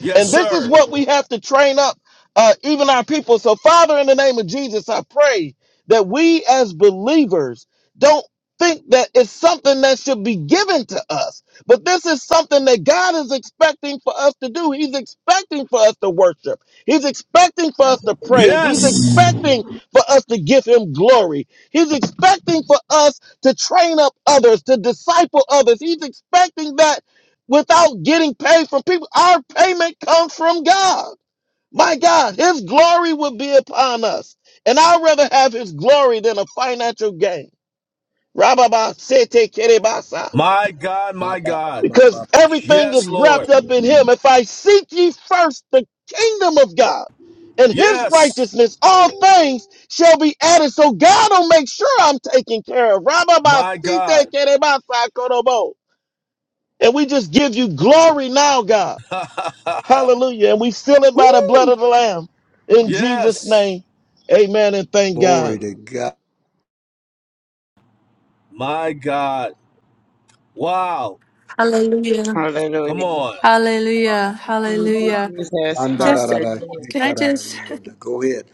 Speaker 7: Yes,
Speaker 5: And this is
Speaker 7: sir.
Speaker 5: what we have to train up uh, even our people. So, Father, in the name of Jesus, I pray that we as believers don't think that it's something that should be given to us, but this is something that God is expecting for us to do. He's expecting for us to worship, He's expecting for us to praise, He's
Speaker 7: Yes.
Speaker 5: expecting for us to give Him glory, He's expecting for us to train up others, to disciple others. He's expecting that without getting paid from people. Our payment comes from God. My God, His glory will be upon us. And I'd rather have His glory than a financial gain. Rababa sete kerebasa.
Speaker 7: My God,
Speaker 4: Ba,
Speaker 7: my
Speaker 4: ba, ba,
Speaker 7: God.
Speaker 4: ba, ba.
Speaker 5: Because everything
Speaker 7: Yes,
Speaker 5: is
Speaker 7: Lord.
Speaker 5: wrapped up in Him. If I seek ye first the kingdom of God and His
Speaker 7: Yes,
Speaker 5: righteousness, all things shall be added. So God will make sure I'm taken care of. Rababa
Speaker 7: my
Speaker 5: sete
Speaker 7: God.
Speaker 5: kerebasa korobo. And we just give you glory now, God. Hallelujah. And we seal it by the blood
Speaker 7: Woo!
Speaker 5: of the Lamb. In Jesus'
Speaker 7: Yes,
Speaker 5: name. Amen and thank
Speaker 4: Glory
Speaker 5: God.
Speaker 4: to God.
Speaker 7: my God. Wow.
Speaker 2: Hallelujah.
Speaker 6: Thank
Speaker 7: Come on.
Speaker 2: Hallelujah. Hallelujah.
Speaker 6: you, Jesus.
Speaker 2: Just
Speaker 4: Yandarara,
Speaker 6: Hallelujah.
Speaker 2: can I
Speaker 4: yitarara,
Speaker 2: just
Speaker 4: yanda. Go ahead.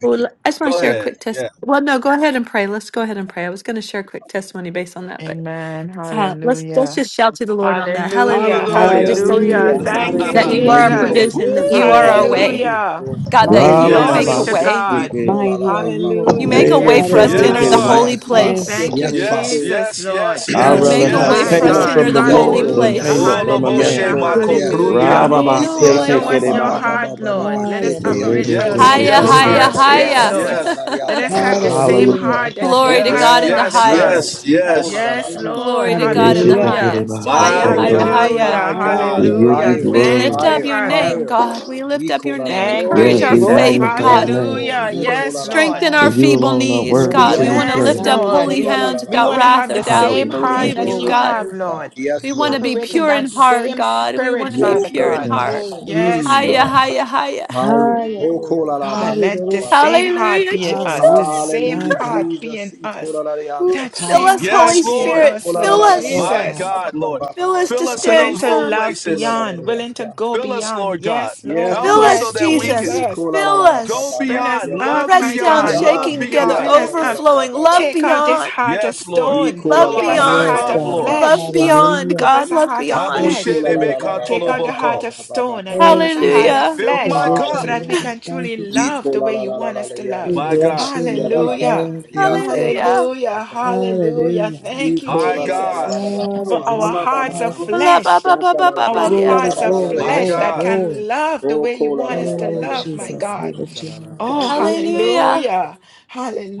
Speaker 4: Thank you,
Speaker 2: well, I just want to
Speaker 7: Go
Speaker 2: share a
Speaker 7: ahead.
Speaker 2: quick test.
Speaker 7: Yeah.
Speaker 2: Well, no, go ahead and pray. Let's go ahead and pray. I was going to share a quick testimony based on that, but
Speaker 1: Amen.
Speaker 2: uh, let's let's
Speaker 1: Hallelujah.
Speaker 2: just shout to the Lord on that. Hallelujah.
Speaker 1: Hallelujah.
Speaker 2: God, we
Speaker 7: Hallelujah.
Speaker 2: just thank
Speaker 1: Hallelujah.
Speaker 3: Hallelujah.
Speaker 2: you
Speaker 1: Thank you,
Speaker 2: that you are
Speaker 4: Thank
Speaker 3: Hallelujah.
Speaker 2: our
Speaker 4: you,
Speaker 1: Jesus.
Speaker 4: Lord
Speaker 2: provision, that
Speaker 4: Jesus.
Speaker 2: you are our
Speaker 7: Woo!
Speaker 2: way.
Speaker 4: Hallelujah.
Speaker 1: Hallelujah.
Speaker 4: Glory to
Speaker 2: God, that
Speaker 4: God.
Speaker 5: Ra,
Speaker 3: Mighty are
Speaker 5: ba,
Speaker 2: you
Speaker 5: ba,
Speaker 1: Glory
Speaker 2: make
Speaker 3: you,
Speaker 2: a
Speaker 3: O
Speaker 5: ba,
Speaker 1: to
Speaker 5: si,
Speaker 3: God.
Speaker 7: Yes.
Speaker 2: way.
Speaker 5: ki,
Speaker 1: God.
Speaker 5: ki.
Speaker 3: Mighty are
Speaker 4: Yikolalala, ba,
Speaker 3: you, O
Speaker 4: ba,
Speaker 2: You
Speaker 4: ba,
Speaker 1: Hallelujah.
Speaker 3: God.
Speaker 2: make a
Speaker 4: sa.
Speaker 2: way
Speaker 1: Yes,
Speaker 2: for us to enter
Speaker 3: Hallelujah.
Speaker 2: the
Speaker 7: Yes.
Speaker 1: Lord.
Speaker 2: holy
Speaker 4: Yes, Father.
Speaker 3: Thank
Speaker 2: place.
Speaker 3: you,
Speaker 1: Thank you,
Speaker 4: Yes,
Speaker 3: Holy
Speaker 7: Yes.
Speaker 4: Father.
Speaker 3: Spirit.
Speaker 1: Jesus,
Speaker 7: Yes.
Speaker 1: Lord.
Speaker 7: Yes.
Speaker 5: I'd
Speaker 2: You
Speaker 7: Yes.
Speaker 3: Thank
Speaker 5: rather
Speaker 2: make a
Speaker 3: you.
Speaker 5: have
Speaker 2: way
Speaker 1: My
Speaker 2: for
Speaker 7: Yes.
Speaker 2: us
Speaker 4: Yikolalala.
Speaker 3: Hallelujah.
Speaker 2: to
Speaker 5: payment
Speaker 1: God.
Speaker 2: enter
Speaker 5: from the
Speaker 2: the
Speaker 3: Hallelujah.
Speaker 4: Yes,
Speaker 2: holy
Speaker 5: Lord than
Speaker 4: Lord.
Speaker 1: Hallelujah.
Speaker 2: place.
Speaker 5: payment from a
Speaker 4: Yes,
Speaker 7: Oloboshe
Speaker 1: Hallelujah.
Speaker 5: man.
Speaker 4: Lord.
Speaker 7: mako
Speaker 4: Yes.
Speaker 7: prundi
Speaker 2: You
Speaker 5: Ra,
Speaker 1: Hallelujah.
Speaker 5: ba,
Speaker 2: made
Speaker 5: ba,
Speaker 2: a
Speaker 7: andolosi
Speaker 5: se,
Speaker 2: way
Speaker 5: te,
Speaker 7: ande.
Speaker 1: Show
Speaker 5: ki,
Speaker 2: for
Speaker 4: Yikolalala,
Speaker 1: us
Speaker 5: ri,
Speaker 4: ba,
Speaker 1: your
Speaker 4: ba,
Speaker 5: ba.
Speaker 4: ba,
Speaker 1: heart,
Speaker 4: ba,
Speaker 2: me.
Speaker 4: ba, ba, ba,
Speaker 1: Lord. Let us
Speaker 4: shete, yanda,
Speaker 1: operate from
Speaker 3: Thank
Speaker 1: where
Speaker 7: Yes.
Speaker 3: you
Speaker 4: kolalala,
Speaker 3: for
Speaker 2: Higher,
Speaker 1: your
Speaker 7: Yes.
Speaker 3: your
Speaker 2: higher,
Speaker 3: word
Speaker 1: heart
Speaker 3: of
Speaker 7: Yes.
Speaker 4: yatalala,
Speaker 3: your
Speaker 1: is,
Speaker 7: Yes.
Speaker 1: Lord.
Speaker 3: presence.
Speaker 7: Yes.
Speaker 4: yatalalala,
Speaker 1: Let
Speaker 2: higher.
Speaker 1: us have the
Speaker 4: yatalalala, ba.
Speaker 1: same
Speaker 5: Hallelujah.
Speaker 1: heart
Speaker 3: Hallelujah.
Speaker 1: that you
Speaker 2: Glory to
Speaker 7: Yes,
Speaker 1: have,
Speaker 2: God in the
Speaker 4: Yes,
Speaker 1: Father
Speaker 7: yes,
Speaker 1: God.
Speaker 4: yes.
Speaker 7: yes,
Speaker 2: highest.
Speaker 7: yes.
Speaker 3: Hallelujah.
Speaker 1: Yes,
Speaker 4: Yikolalala,
Speaker 1: Lord.
Speaker 2: Glory to
Speaker 5: Ye,
Speaker 2: God in
Speaker 5: she,
Speaker 2: the
Speaker 5: te,
Speaker 3: Hallelujah.
Speaker 5: ki,
Speaker 1: Hallelujah.
Speaker 2: highest. Higher,
Speaker 7: My
Speaker 4: Glory.
Speaker 2: higher,
Speaker 3: Hallelujah.
Speaker 7: God,
Speaker 2: higher.
Speaker 1: Hallelujah.
Speaker 7: my God.
Speaker 5: We give you
Speaker 1: Hallelujah.
Speaker 4: Higher,
Speaker 2: We
Speaker 3: Hallelujah.
Speaker 5: glory.
Speaker 2: lift
Speaker 1: Thank you,
Speaker 2: up
Speaker 4: higher,
Speaker 2: your name,
Speaker 1: Father.
Speaker 4: higher.
Speaker 2: God. We lift
Speaker 4: We
Speaker 2: up
Speaker 4: call
Speaker 2: your
Speaker 4: la la
Speaker 2: name.
Speaker 4: la.
Speaker 1: Thank you,
Speaker 4: la.
Speaker 3: Glory,
Speaker 2: Encourage
Speaker 5: Yes,
Speaker 2: our
Speaker 5: we
Speaker 1: Jesus.
Speaker 3: glory.
Speaker 2: faith,
Speaker 5: magnify
Speaker 2: God.
Speaker 5: your
Speaker 4: Yes,
Speaker 5: name.
Speaker 1: Hallelujah.
Speaker 4: Lord. We
Speaker 2: Br-
Speaker 4: call la
Speaker 1: Yes,
Speaker 4: la la.
Speaker 1: Lord.
Speaker 2: Strengthen
Speaker 5: For
Speaker 2: our
Speaker 3: Hallelujah.
Speaker 5: you
Speaker 2: feeble
Speaker 5: alone are
Speaker 2: knees,
Speaker 5: worthy
Speaker 3: Yes,
Speaker 2: God.
Speaker 5: to
Speaker 2: We
Speaker 5: be
Speaker 3: God.
Speaker 4: Yes,
Speaker 2: want to
Speaker 1: Yes,
Speaker 4: Lord.
Speaker 2: lift
Speaker 5: praised.
Speaker 2: up
Speaker 3: Hallelujah.
Speaker 1: Lord.
Speaker 2: holy
Speaker 4: Iki la la
Speaker 2: hands
Speaker 4: la la.
Speaker 1: We
Speaker 4: la.
Speaker 2: without
Speaker 1: want to
Speaker 2: wrath
Speaker 1: have
Speaker 2: or
Speaker 1: the
Speaker 2: doubt. We
Speaker 1: same
Speaker 5: Hallelujah.
Speaker 4: Ya
Speaker 1: heart
Speaker 4: ta
Speaker 2: believe
Speaker 5: Thank you,
Speaker 1: that
Speaker 2: you,
Speaker 5: Father.
Speaker 3: Glory,
Speaker 1: you
Speaker 2: God.
Speaker 1: have,
Speaker 3: praise you,
Speaker 4: ta.
Speaker 3: Lord.
Speaker 1: Lord.
Speaker 4: Yes,
Speaker 2: We want to
Speaker 4: Lord.
Speaker 2: be
Speaker 1: Operate in
Speaker 2: pure
Speaker 3: Listen.
Speaker 1: that
Speaker 2: in heart,
Speaker 1: same
Speaker 2: God. We want
Speaker 1: spirit,
Speaker 2: to be
Speaker 4: Yes,
Speaker 3: Woo,
Speaker 1: Father
Speaker 3: we
Speaker 2: pure
Speaker 3: give you
Speaker 4: Lord.
Speaker 2: in
Speaker 1: God.
Speaker 5: Yeah.
Speaker 2: heart.
Speaker 3: glory. We give you
Speaker 1: Yes,
Speaker 4: Mm.
Speaker 2: Hiya,
Speaker 1: Lord.
Speaker 3: glory.
Speaker 2: hiya, hiya.
Speaker 4: Higher.
Speaker 3: Higher
Speaker 4: Oh, call
Speaker 3: glory.
Speaker 4: la la
Speaker 1: God,
Speaker 4: ba ba
Speaker 1: let
Speaker 4: ba
Speaker 1: the
Speaker 4: ba. ba.
Speaker 3: Hallelujah.
Speaker 1: same heart
Speaker 2: Hallelujah,
Speaker 1: be in us, the
Speaker 3: Hallelujah.
Speaker 2: Jesus.
Speaker 1: same
Speaker 3: My
Speaker 4: Hallelujah,
Speaker 3: God.
Speaker 1: heart be
Speaker 4: Jesus.
Speaker 1: in
Speaker 4: Iko la
Speaker 1: us,
Speaker 4: la la
Speaker 3: Woo,
Speaker 4: la.
Speaker 1: that
Speaker 2: Fill
Speaker 1: same
Speaker 3: powerful.
Speaker 2: us, Holy
Speaker 7: Yes,
Speaker 1: heart be in
Speaker 4: Oh,
Speaker 7: Lord.
Speaker 2: Spirit.
Speaker 4: call
Speaker 1: us,
Speaker 4: la la
Speaker 2: Fill
Speaker 4: la
Speaker 1: Lord
Speaker 4: la la.
Speaker 3: So
Speaker 2: us.
Speaker 4: Ba
Speaker 7: My
Speaker 4: ba
Speaker 1: Jesus.
Speaker 4: ba
Speaker 7: God,
Speaker 3: powerful.
Speaker 4: ba
Speaker 7: Lord.
Speaker 4: ba ba
Speaker 2: Fill
Speaker 4: ba
Speaker 2: us
Speaker 4: ba.
Speaker 2: to
Speaker 7: Fill
Speaker 4: ba.
Speaker 7: us in
Speaker 1: Willing
Speaker 2: stand
Speaker 7: those
Speaker 1: to
Speaker 7: low
Speaker 2: firm.
Speaker 1: love
Speaker 4: Iko la
Speaker 7: places.
Speaker 4: la la
Speaker 1: beyond,
Speaker 4: la.
Speaker 1: willing to
Speaker 4: la.
Speaker 1: go
Speaker 7: Fill us,
Speaker 1: beyond.
Speaker 7: Lord God.
Speaker 1: Yes,
Speaker 4: Yes,
Speaker 1: Lord.
Speaker 7: Help
Speaker 2: Fill
Speaker 7: us
Speaker 4: Lord.
Speaker 7: so
Speaker 2: us,
Speaker 1: Yes,
Speaker 7: that we can
Speaker 2: Jesus.
Speaker 1: Jesus.
Speaker 4: Ikola la
Speaker 2: Fill
Speaker 4: la la ba
Speaker 7: go
Speaker 2: us.
Speaker 4: ba ba.
Speaker 1: Fill us
Speaker 7: beyond,
Speaker 4: Yes, Lord.
Speaker 1: up,
Speaker 7: love
Speaker 2: Pressed
Speaker 1: my
Speaker 2: down,
Speaker 7: beyond,
Speaker 1: God.
Speaker 4: Yeah,
Speaker 7: love
Speaker 2: shaking
Speaker 4: Ikola
Speaker 2: together,
Speaker 7: beyond.
Speaker 1: Fill
Speaker 4: la la la
Speaker 1: us
Speaker 4: la la
Speaker 1: up.
Speaker 4: ba
Speaker 2: overflowing.
Speaker 4: ba ba.
Speaker 2: Love
Speaker 1: Take out this
Speaker 2: beyond.
Speaker 1: heart of
Speaker 7: Yes, Lord.
Speaker 1: stone.
Speaker 4: Ikola
Speaker 2: Love
Speaker 7: Fill
Speaker 4: la
Speaker 1: Give
Speaker 4: la la la
Speaker 7: our
Speaker 1: us a
Speaker 4: la
Speaker 3: Yes,
Speaker 2: beyond.
Speaker 4: la
Speaker 1: heart
Speaker 7: cup,
Speaker 4: la
Speaker 1: of
Speaker 4: la ba
Speaker 3: God.
Speaker 7: Lord.
Speaker 4: ba.
Speaker 2: Love
Speaker 1: flesh.
Speaker 4: Yanda,
Speaker 2: beyond.
Speaker 3: Hallelujah.
Speaker 1: Give
Speaker 4: yanda.
Speaker 2: God,
Speaker 1: us a
Speaker 2: love
Speaker 1: heart of
Speaker 2: beyond.
Speaker 3: Thank you
Speaker 1: flesh.
Speaker 4: Ikola
Speaker 3: for
Speaker 4: la
Speaker 3: your
Speaker 4: la la la la
Speaker 3: love.
Speaker 1: Take
Speaker 4: ba
Speaker 1: out the
Speaker 4: ba ba
Speaker 1: heart
Speaker 7: Aboshelebekatoloboko.
Speaker 1: of
Speaker 4: ba ba ba
Speaker 1: stone
Speaker 4: ba
Speaker 1: and
Speaker 4: ba.
Speaker 1: give
Speaker 3: Thank
Speaker 1: us a
Speaker 3: you,
Speaker 1: heart
Speaker 3: Lord.
Speaker 1: of
Speaker 2: Hallelujah.
Speaker 7: Fill
Speaker 1: flesh
Speaker 7: my
Speaker 1: so
Speaker 7: cup,
Speaker 3: Unconditional
Speaker 1: that we
Speaker 4: Hallelujah.
Speaker 3: love.
Speaker 1: can truly
Speaker 3: Thank you. Jesus.
Speaker 1: love the
Speaker 4: Ikola
Speaker 1: way
Speaker 4: la
Speaker 1: you
Speaker 4: la la
Speaker 1: want
Speaker 4: la
Speaker 1: us
Speaker 4: la
Speaker 1: to
Speaker 4: yanda
Speaker 3: We
Speaker 1: love.
Speaker 4: lo
Speaker 7: my
Speaker 4: lo lo.
Speaker 3: bless
Speaker 7: God,
Speaker 3: you,
Speaker 4: Yeah
Speaker 3: Lord.
Speaker 4: la
Speaker 3: We
Speaker 4: la la la
Speaker 1: Hallelujah.
Speaker 4: la.
Speaker 3: thank you.
Speaker 4: Yeah
Speaker 3: We
Speaker 4: ta la
Speaker 3: thank
Speaker 4: la
Speaker 3: you.
Speaker 4: la la
Speaker 2: Hallelujah.
Speaker 1: Hallelujah.
Speaker 4: ta la la.
Speaker 1: Hallelujah.
Speaker 3: Hallelujah.
Speaker 1: Thank you,
Speaker 7: my
Speaker 4: Ikola la la la
Speaker 1: Jesus,
Speaker 4: la
Speaker 7: God,
Speaker 4: la la ba
Speaker 1: for
Speaker 4: ma ma
Speaker 1: our
Speaker 4: ma
Speaker 1: hearts
Speaker 4: ma
Speaker 1: of
Speaker 4: ma ma
Speaker 3: Hallelujah.
Speaker 4: ma
Speaker 1: flesh.
Speaker 4: ya Yanta la la la
Speaker 1: Our
Speaker 2: Hallelujah.
Speaker 4: yanta la
Speaker 3: Glory,
Speaker 1: hearts
Speaker 4: la
Speaker 1: of
Speaker 4: la la
Speaker 3: glory,
Speaker 4: la
Speaker 7: my
Speaker 1: flesh
Speaker 3: glory,
Speaker 4: yanta.
Speaker 1: that
Speaker 7: God,
Speaker 3: glory.
Speaker 1: can love the
Speaker 4: Oh
Speaker 1: way you
Speaker 4: kola
Speaker 1: want
Speaker 4: la
Speaker 1: us
Speaker 4: la
Speaker 1: to
Speaker 4: la la la
Speaker 3: Oh,
Speaker 1: love,
Speaker 4: yanta
Speaker 1: my
Speaker 4: la la
Speaker 3: Jesus,
Speaker 4: la
Speaker 3: we
Speaker 1: God.
Speaker 3: lift
Speaker 4: yanta
Speaker 3: you high.
Speaker 1: Oh,
Speaker 3: God, we lift you
Speaker 2: Hallelujah.
Speaker 1: hallelujah.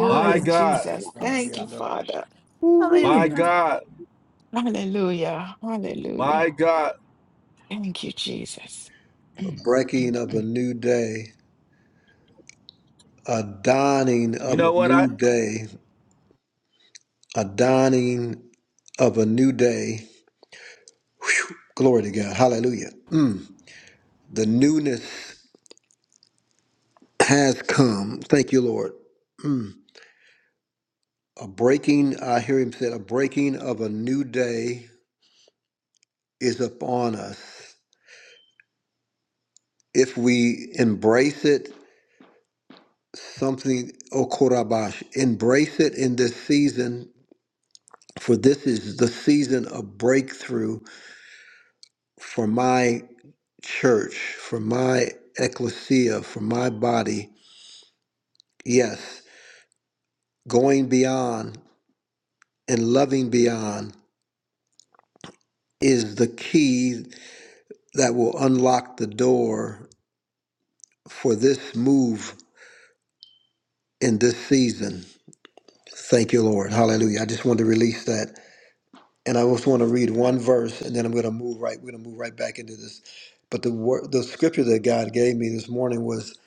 Speaker 3: high. High,
Speaker 7: my
Speaker 3: high,
Speaker 7: God,
Speaker 1: Jesus.
Speaker 4: la
Speaker 3: high,
Speaker 1: Thank
Speaker 4: la
Speaker 1: you,
Speaker 4: la
Speaker 3: high.
Speaker 4: la.
Speaker 1: Father.
Speaker 7: my
Speaker 3: Ooh-wee.
Speaker 7: God,
Speaker 1: Hallelujah. Hallelujah.
Speaker 7: my God.
Speaker 1: Thank you, Jesus.
Speaker 4: a
Speaker 1: Mm, mm,
Speaker 4: breaking of a
Speaker 1: mm.
Speaker 4: new day, a dawning
Speaker 7: You
Speaker 4: of a
Speaker 7: know what? I.
Speaker 4: new day, a dawning of a new day. Glory to God. Hallelujah. Mm. The newness has come. Thank you, Lord. Mm. A breaking, I hear him say, a breaking of a new day is upon us. If we embrace it, something, Okorabash, embrace it in this season, for this is the season of breakthrough for my church, for my ecclesia, for my body. Yes, going beyond and loving beyond is the key that will unlock the door for this move in this season. Thank you, Lord. Hallelujah. I just wanted to release that. And I just want to read one verse and then I'm going to move right. We're going to move right back into this. But the word, the scripture that God gave me this morning was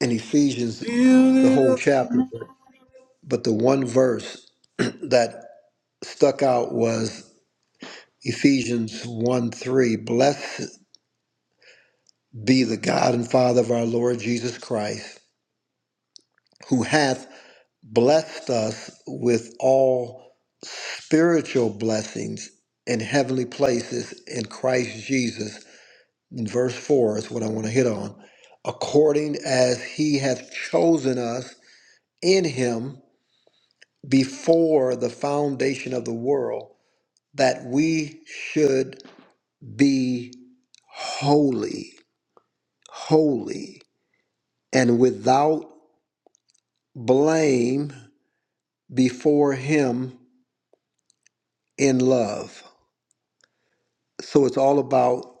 Speaker 4: in Ephesians,
Speaker 7: Build
Speaker 4: the
Speaker 7: it
Speaker 4: whole
Speaker 7: up.
Speaker 4: chapter. but the one verse that stuck out was Ephesians 1 3. Blessed be the God and Father of our Lord Jesus Christ, who hath blessed us with all spiritual blessings in heavenly places in Christ Jesus. In verse 4 is what I want to hit on. According as he hath chosen us in him before the foundation of the world, that we should be holy, holy, and without blame before Him in love. So it's all about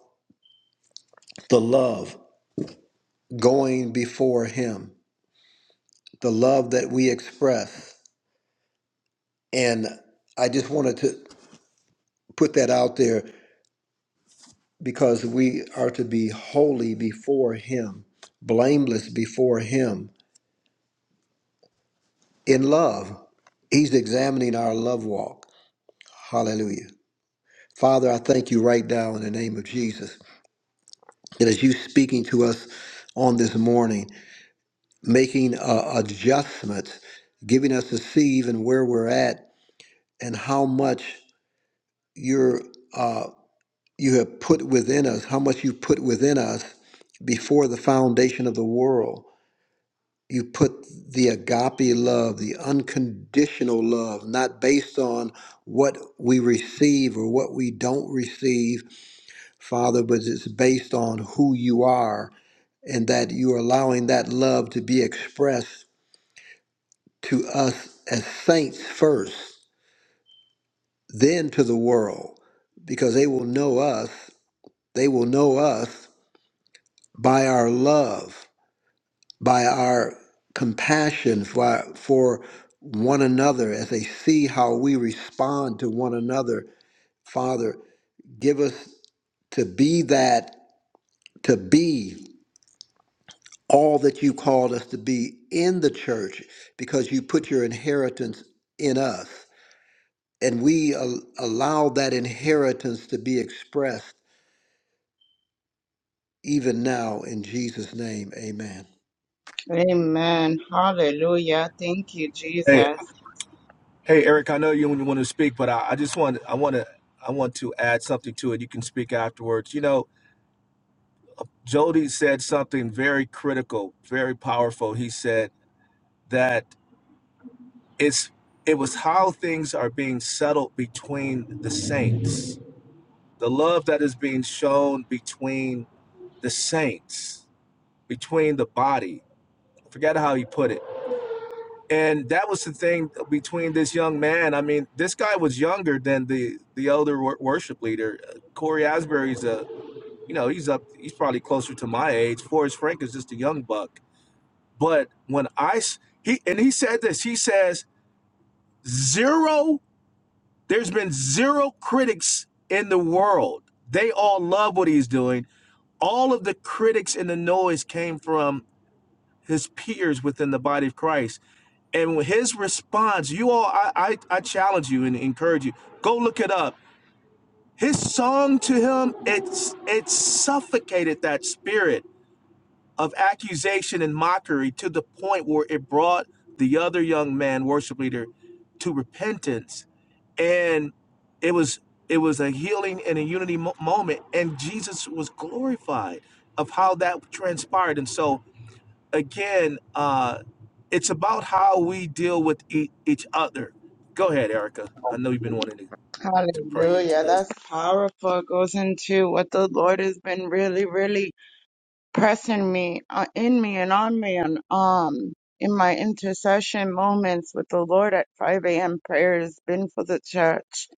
Speaker 4: the love going before Him, the love that we express. And I just wanted to put that out there because we are to be holy before Him, blameless before Him in love. He's examining our love walk. Hallelujah. Father, I thank you right now in the name of Jesus that as you speaking to us on this morning, making uh, adjustments, giving us to see even where we're at and how much you're uh, you have put within us, how much you put within us before the foundation of the world. You put the agape love, the unconditional love, not based on what we receive or what we don't receive Father, but it's based on who you are and that you're allowing that love to be expressed to us as saints first, then to the world, because they will know us. They will know us by our love, by our compassion for, for one another as they see how we respond to one another. Father, give us to be that, to be. all that you called us to be in the church because you put your inheritance in us. And we al- allow that inheritance to be expressed even now in Jesus' name. Amen.
Speaker 6: Amen. Hallelujah. Thank you,
Speaker 7: Hey,
Speaker 6: Jesus.
Speaker 7: hey, Eric. I know you want to speak, but I, I just want I want to I want to add something to it. You can speak afterwards. You know, Jody said something very critical, very powerful. He said that it's it was how things are being settled between the saints, the love that is being shown between the saints, between the body. I forget how he put it and that was the thing between this young man. I mean, this guy was younger than the the elder wor- worship leader. Uh, Corey Asbury's a you know he's up he's probably closer to my age. Forrest Frank is just a young buck. But when I s- he and he said this, he says zero. There's been zero critics in the world. They all love what he's doing. All of the critics and the noise came from his peers within the body of Christ And his response, you all, I, I, I challenge you and encourage you, go look it up. His song to him, it's it suffocated that spirit of accusation and mockery to the point where it brought the other young man, worship leader, to repentance. And it was it was a healing and a unity mo- moment, and Jesus was glorified of how that transpired. And so again, uh, it's about how we deal with e- each other. Go ahead, Erica. I know you've been wanting to, to pray into
Speaker 6: Hallelujah.
Speaker 7: this.
Speaker 6: That's powerful. It goes into what the Lord has been really, really pressing me uh, in me and on me and um in my intercession moments with the Lord at 5 a.m. prayer has been for the church.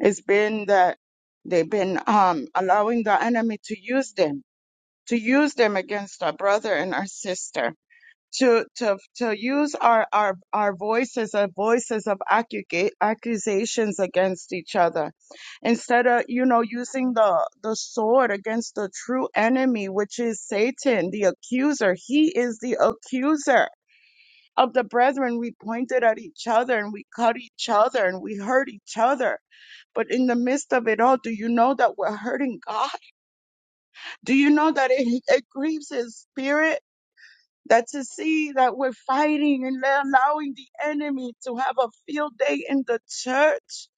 Speaker 6: It's been that they've been um allowing the enemy to use them to use them against our brother and our sister, to to to use our our our voices, our voices of accuga- accusations against each other, instead of you know using the the sword against the true enemy, which is Satan, the accuser. He is the accuser. Of the brethren, we pointed at each other and we cut each other and we hurt each other. But in the midst of it all, do you know that we're hurting God? Do you know that it, it grieves his spirit that to see that we're fighting and allowing the enemy to have a field day in the church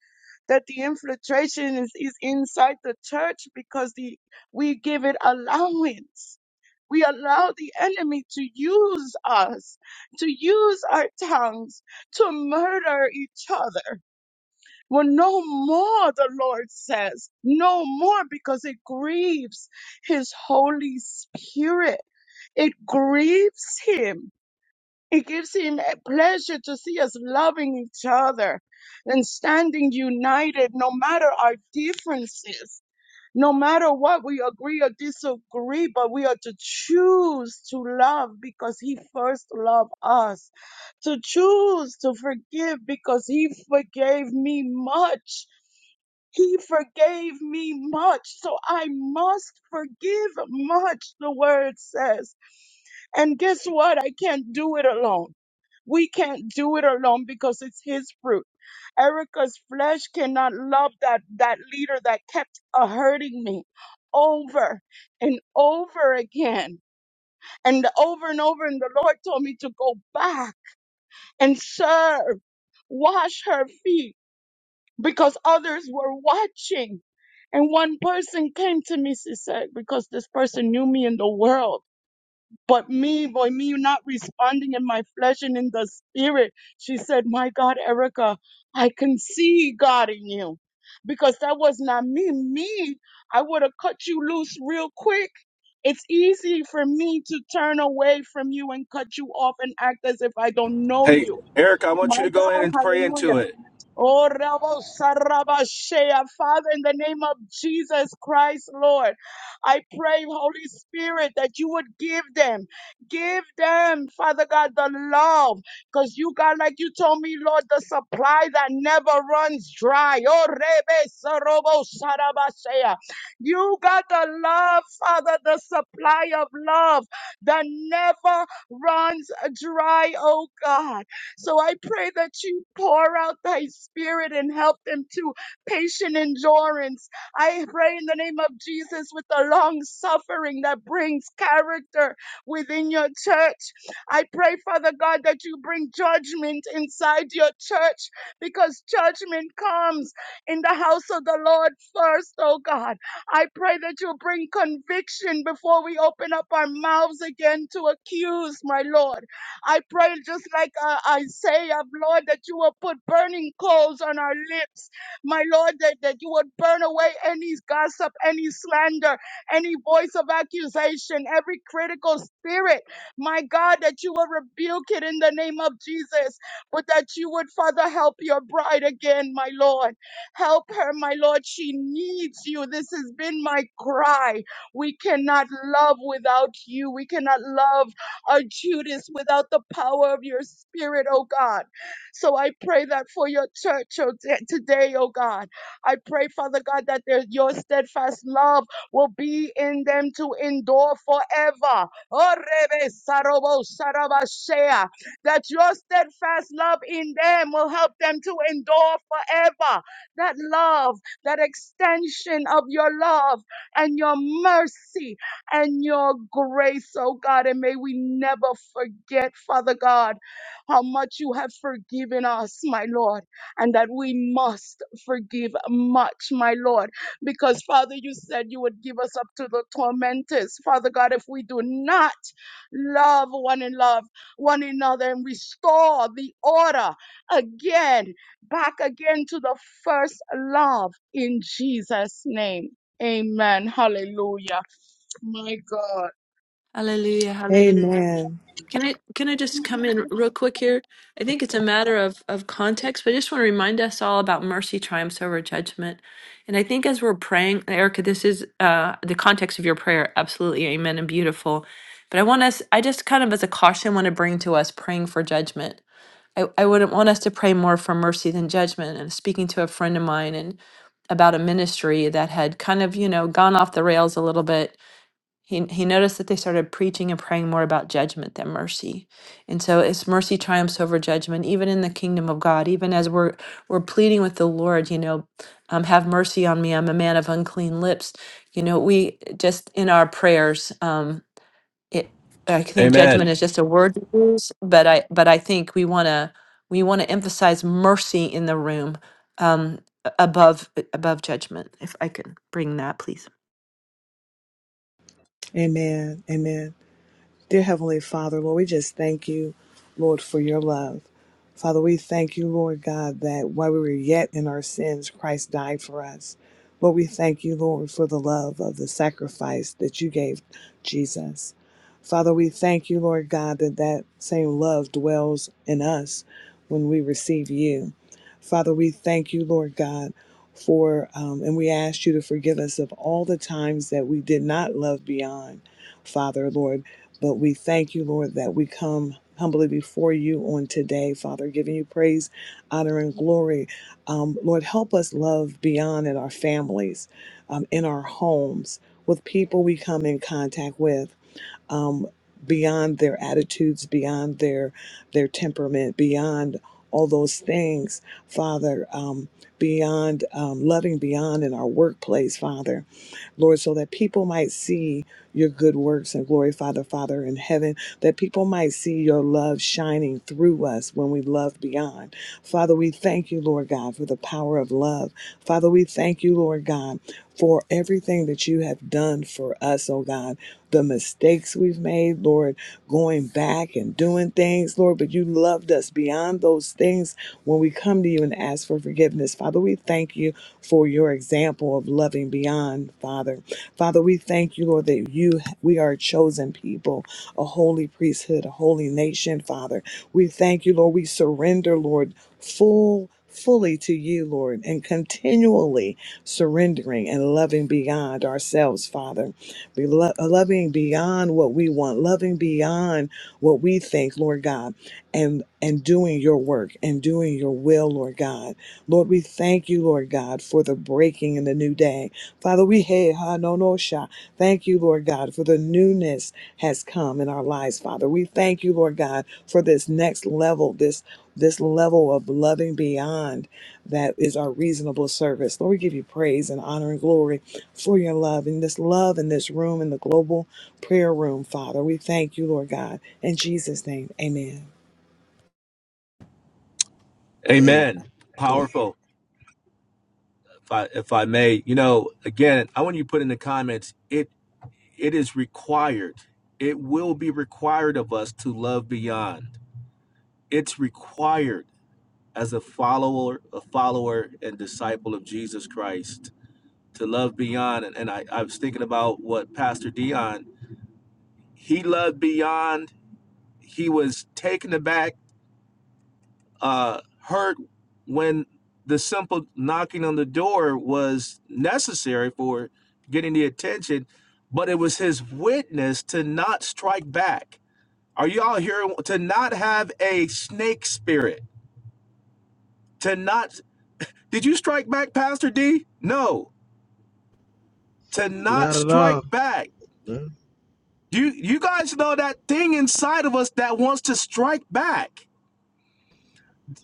Speaker 6: that the infiltration is, is inside the church because the we give it allowance we allow the enemy to use us to use our tongues to murder each other well no more the lord says no more because it grieves his holy spirit it grieves him it gives him a pleasure to see us loving each other and standing united no matter our differences, no matter what we agree or disagree, but we are to choose to love because he first loved us, to choose to forgive because he forgave me much. He forgave me much, so I must forgive much, the word says. And guess what? I can't do it alone. We can't do it alone because it's his fruit. Erica's flesh cannot love that, that leader that kept uh, hurting me over and over again and over and over. And the Lord told me to go back and serve, wash her feet because others were watching. And one person came to me, she said, because this person knew me in the world but me, boy, me not responding in my flesh and in the spirit. She said, My God, Erica, I can see God in you. Because that was not me. Me, I would have cut you loose real quick. It's easy for me to turn away from you and cut you off and act as if I don't know
Speaker 7: Hey,
Speaker 6: you.
Speaker 7: Erica, I
Speaker 6: My
Speaker 7: want you to go in and pray
Speaker 6: God,
Speaker 7: into it.
Speaker 6: Oh, Rabo Sarabashea. Father, in the name of Jesus Christ, Lord, I pray, Holy Spirit, that you would give them, give them, Father God, the love. Because you, God, like you told me, Lord, the supply that never runs dry. Oh, Rebe Sarobo Sarabashea. You got the love, Father, the supply of love that never runs dry, oh God. So I pray that you pour out thy spirit and help them to patient endurance. I pray in the name of Jesus with the long suffering that brings character within your church. I pray, Father God, that you bring judgment inside your church because judgment comes in the house of the Lord first, oh God. I pray that you bring conviction before we open up our mouths again to accuse, my Lord. I pray just like uh, Isaiah, Lord, that you will put burning coals on our lips. My Lord, that, that you would burn away any gossip, any slander, any voice of accusation, every critical spirit. My God, that you will rebuke it in the name of Jesus, but that you would, Father, help your bride again, my Lord. Help her, my Lord. She needs you. This has been my cry. We cannot love without you. We cannot love or Judas without the power of your spirit, oh God. So I pray that for your church oh, t- today, oh God. I pray, Father God, that their, your steadfast love will be in them to endure forever. Oh, Rebe Sarobo Sarabashea, That your steadfast love in them will help them to endure forever. That love, that extension of your love and your mercy and your grace, oh God. And may we never forget, Father God, how much you have forgiven us, my Lord, and that we must forgive much, my Lord, because Father, you said you would give us up to the tormentors, Father God, if we do not love one and love, one another, and restore the order again, back again to the first love in Jesus' name. Amen. Hallelujah. My God.
Speaker 2: Hallelujah.
Speaker 3: Amen.
Speaker 2: Can I can I just come in real quick here? I think it's a matter of of context, but I just want to remind us all about mercy triumphs over judgment. And I think as we're praying, Erica, this is uh, the context of your prayer. Absolutely, amen, and beautiful. But I want us, I just kind of as a caution want to bring to us praying for judgment. I, I wouldn't want us to pray more for mercy than judgment. And speaking to a friend of mine and about a ministry that had kind of, you know, gone off the rails a little bit he, he noticed that they started preaching and praying more about judgment than mercy. And so it's mercy triumphs over judgment, even in the kingdom of God, even as we're we're pleading with the Lord, you know, um, have mercy on me. I'm a man of unclean lips. You know, we just in our prayers, um, it I think
Speaker 7: Amen.
Speaker 2: judgment is just a word to use, but I but I think we wanna we wanna emphasize mercy in the room um a- above above judgment, if I could bring that, please.
Speaker 3: Amen. Amen. Dear Heavenly Father, Lord, we just thank you, Lord, for your love. Father, we thank you, Lord God, that while we were yet in our sins, Christ died for us. Lord, we thank you, Lord, for the love of the sacrifice that you gave Jesus. Father, we thank you, Lord God, that that same love dwells in us when we receive you. Father, we thank you, Lord God, for, um, and we ask you to forgive us of all the times that we did not love beyond. Father, Lord. But we thank you, Lord, that we come humbly before you on today, Father, giving you praise, honor, and glory. Um, Lord, help us love beyond in our families, um, in our homes, with people we come in contact with um, beyond their attitudes, beyond their their temperament, beyond all those things, Father, um, beyond um, loving beyond in our workplace, Father, Lord, so that people might see your good works and glorify the Father in heaven, that people might see your love shining through us when we love beyond. Father, we thank you, Lord God, for the power of love. Father, we thank you, Lord God for everything that you have done for us, oh God. The mistakes we've made, Lord, going back and doing things, Lord, but you loved us beyond those things when we come to you and ask for forgiveness. Father, we thank you for your example of loving beyond, Father. Father, we thank you, Lord, that you we are a chosen people, a holy priesthood, a holy nation, Father. We thank you, Lord. We surrender, Lord, full fully to you, Lord, and continually surrendering and loving beyond ourselves, Father. Be lo- loving beyond what we want, loving beyond what we think, Lord God, and and doing your work and doing your will, Lord God. Lord, we thank you, Lord God, for the breaking in the new day. Father, we hey ha no no sha. Thank you, Lord God, for the newness has come in our lives, Father. We thank you, Lord God, for this next level, this this level of loving beyond that is our reasonable service. Lord, we give you praise and honor and glory for your love in this love in this room in the global prayer room, Father. We thank you, Lord God. In Jesus' name, amen.
Speaker 4: Amen.
Speaker 7: Amen.
Speaker 4: Go-
Speaker 7: Powerful. If I, if I may, you know, again, I want you to put in the comments. It it is required. It will be required of us to love beyond. It's required as a follower, a follower and disciple of Jesus Christ to love beyond and, and I, I was thinking about what pastor dion he loved beyond he was taken aback uh hurt when the simple knocking on the door was necessary for getting the attention but it was his witness to not strike back are you all here to not have a snake spirit to not did you strike back pastor d no to not
Speaker 5: Not at all.
Speaker 7: strike back You you guys know that thing inside of us that wants to strike back.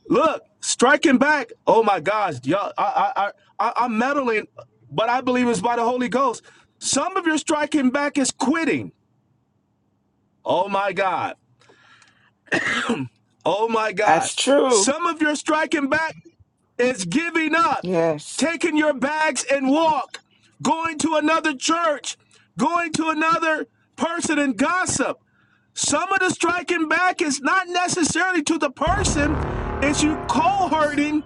Speaker 7: Look, striking back. Oh my gosh, y'all! I I I I- I'm meddling, but I believe it's by the Holy Ghost. Some of your striking back is quitting. Oh my God. Oh my God.
Speaker 1: That's true.
Speaker 7: Some of your striking back is giving up,
Speaker 1: Yes.
Speaker 7: taking your bags and walk, going to another church, going to another person and gossip. Some of the striking back is not necessarily to the person, it's you cold hurting,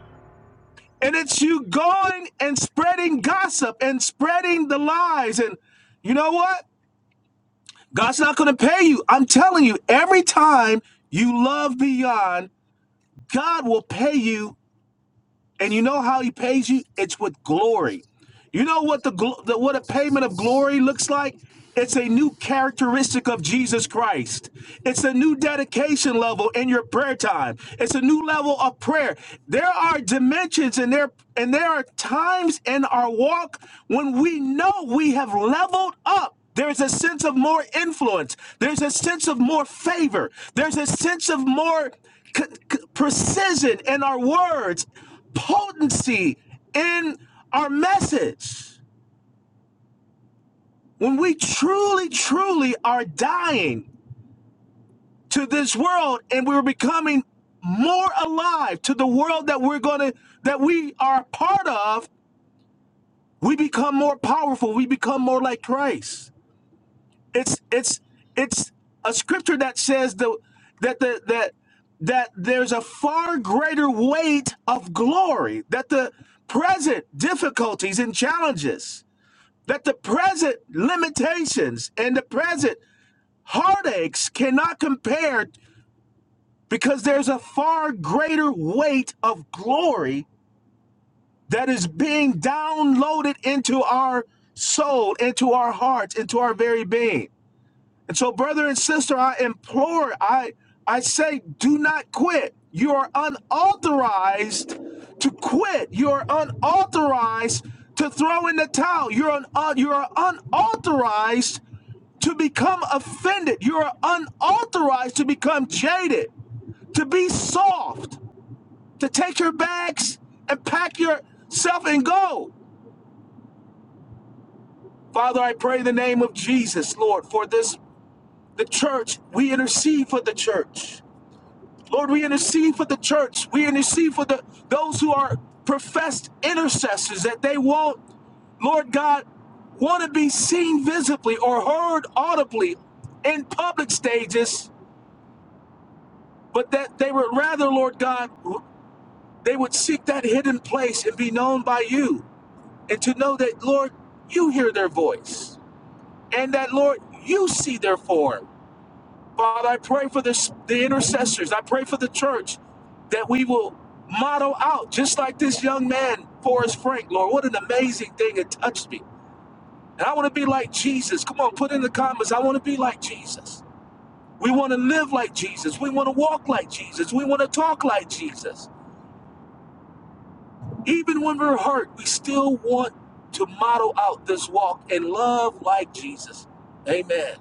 Speaker 7: and it's you going and spreading gossip and spreading the lies. And you know what? God's not going to pay you. I'm telling you, every time you love beyond, God will pay you And you know how he pays you? It's with glory. You know what the, the what a payment of glory looks like? It's a new characteristic of Jesus Christ. It's a new dedication level in your prayer time. It's a new level of prayer. There are dimensions and there and there are times in our walk when we know we have leveled up. There's a sense of more influence. There's a sense of more favor. There's a sense of more c- c- precision in our words potency in our message. When we truly, truly are dying to this world and we're becoming more alive to the world that we're gonna that we are a part of, we become more powerful. We become more like Christ. It's it's it's a scripture that says the that the that that there's a far greater weight of glory that the present difficulties and challenges that the present limitations and the present heartaches cannot compare because there's a far greater weight of glory that is being downloaded into our soul, into our hearts, into our very being. And so, brother and sister, I implore, I I say, do not quit. You are unauthorized to quit. You are unauthorized to throw in the towel. You're un, uh, you are unauthorized to become offended. You're unauthorized to become jaded, to be soft, to take your bags and pack yourself and go. Father, I pray in the name of Jesus, Lord, for this, the church. We intercede for the church. Lord, we intercede for the church. We intercede for the those who are professed intercessors that they won't, Lord God, want to be seen visibly or heard audibly in public stages but that they would rather, Lord God, they would seek that hidden place and be known by you, and to know that, Lord, you hear their voice, and that, Lord, you see their form. Father, I pray for this, the intercessors. I pray for the church that we will model out, just like this young man, Forrest Frank, Lord. What an amazing thing it touched me. And I want to be like Jesus. Come on, put in the comments. I want to be like Jesus. We want to live like Jesus. We want to walk like Jesus. We want to talk like Jesus. Even when we're hurt, we still want to model out this walk and love like Jesus. Amen.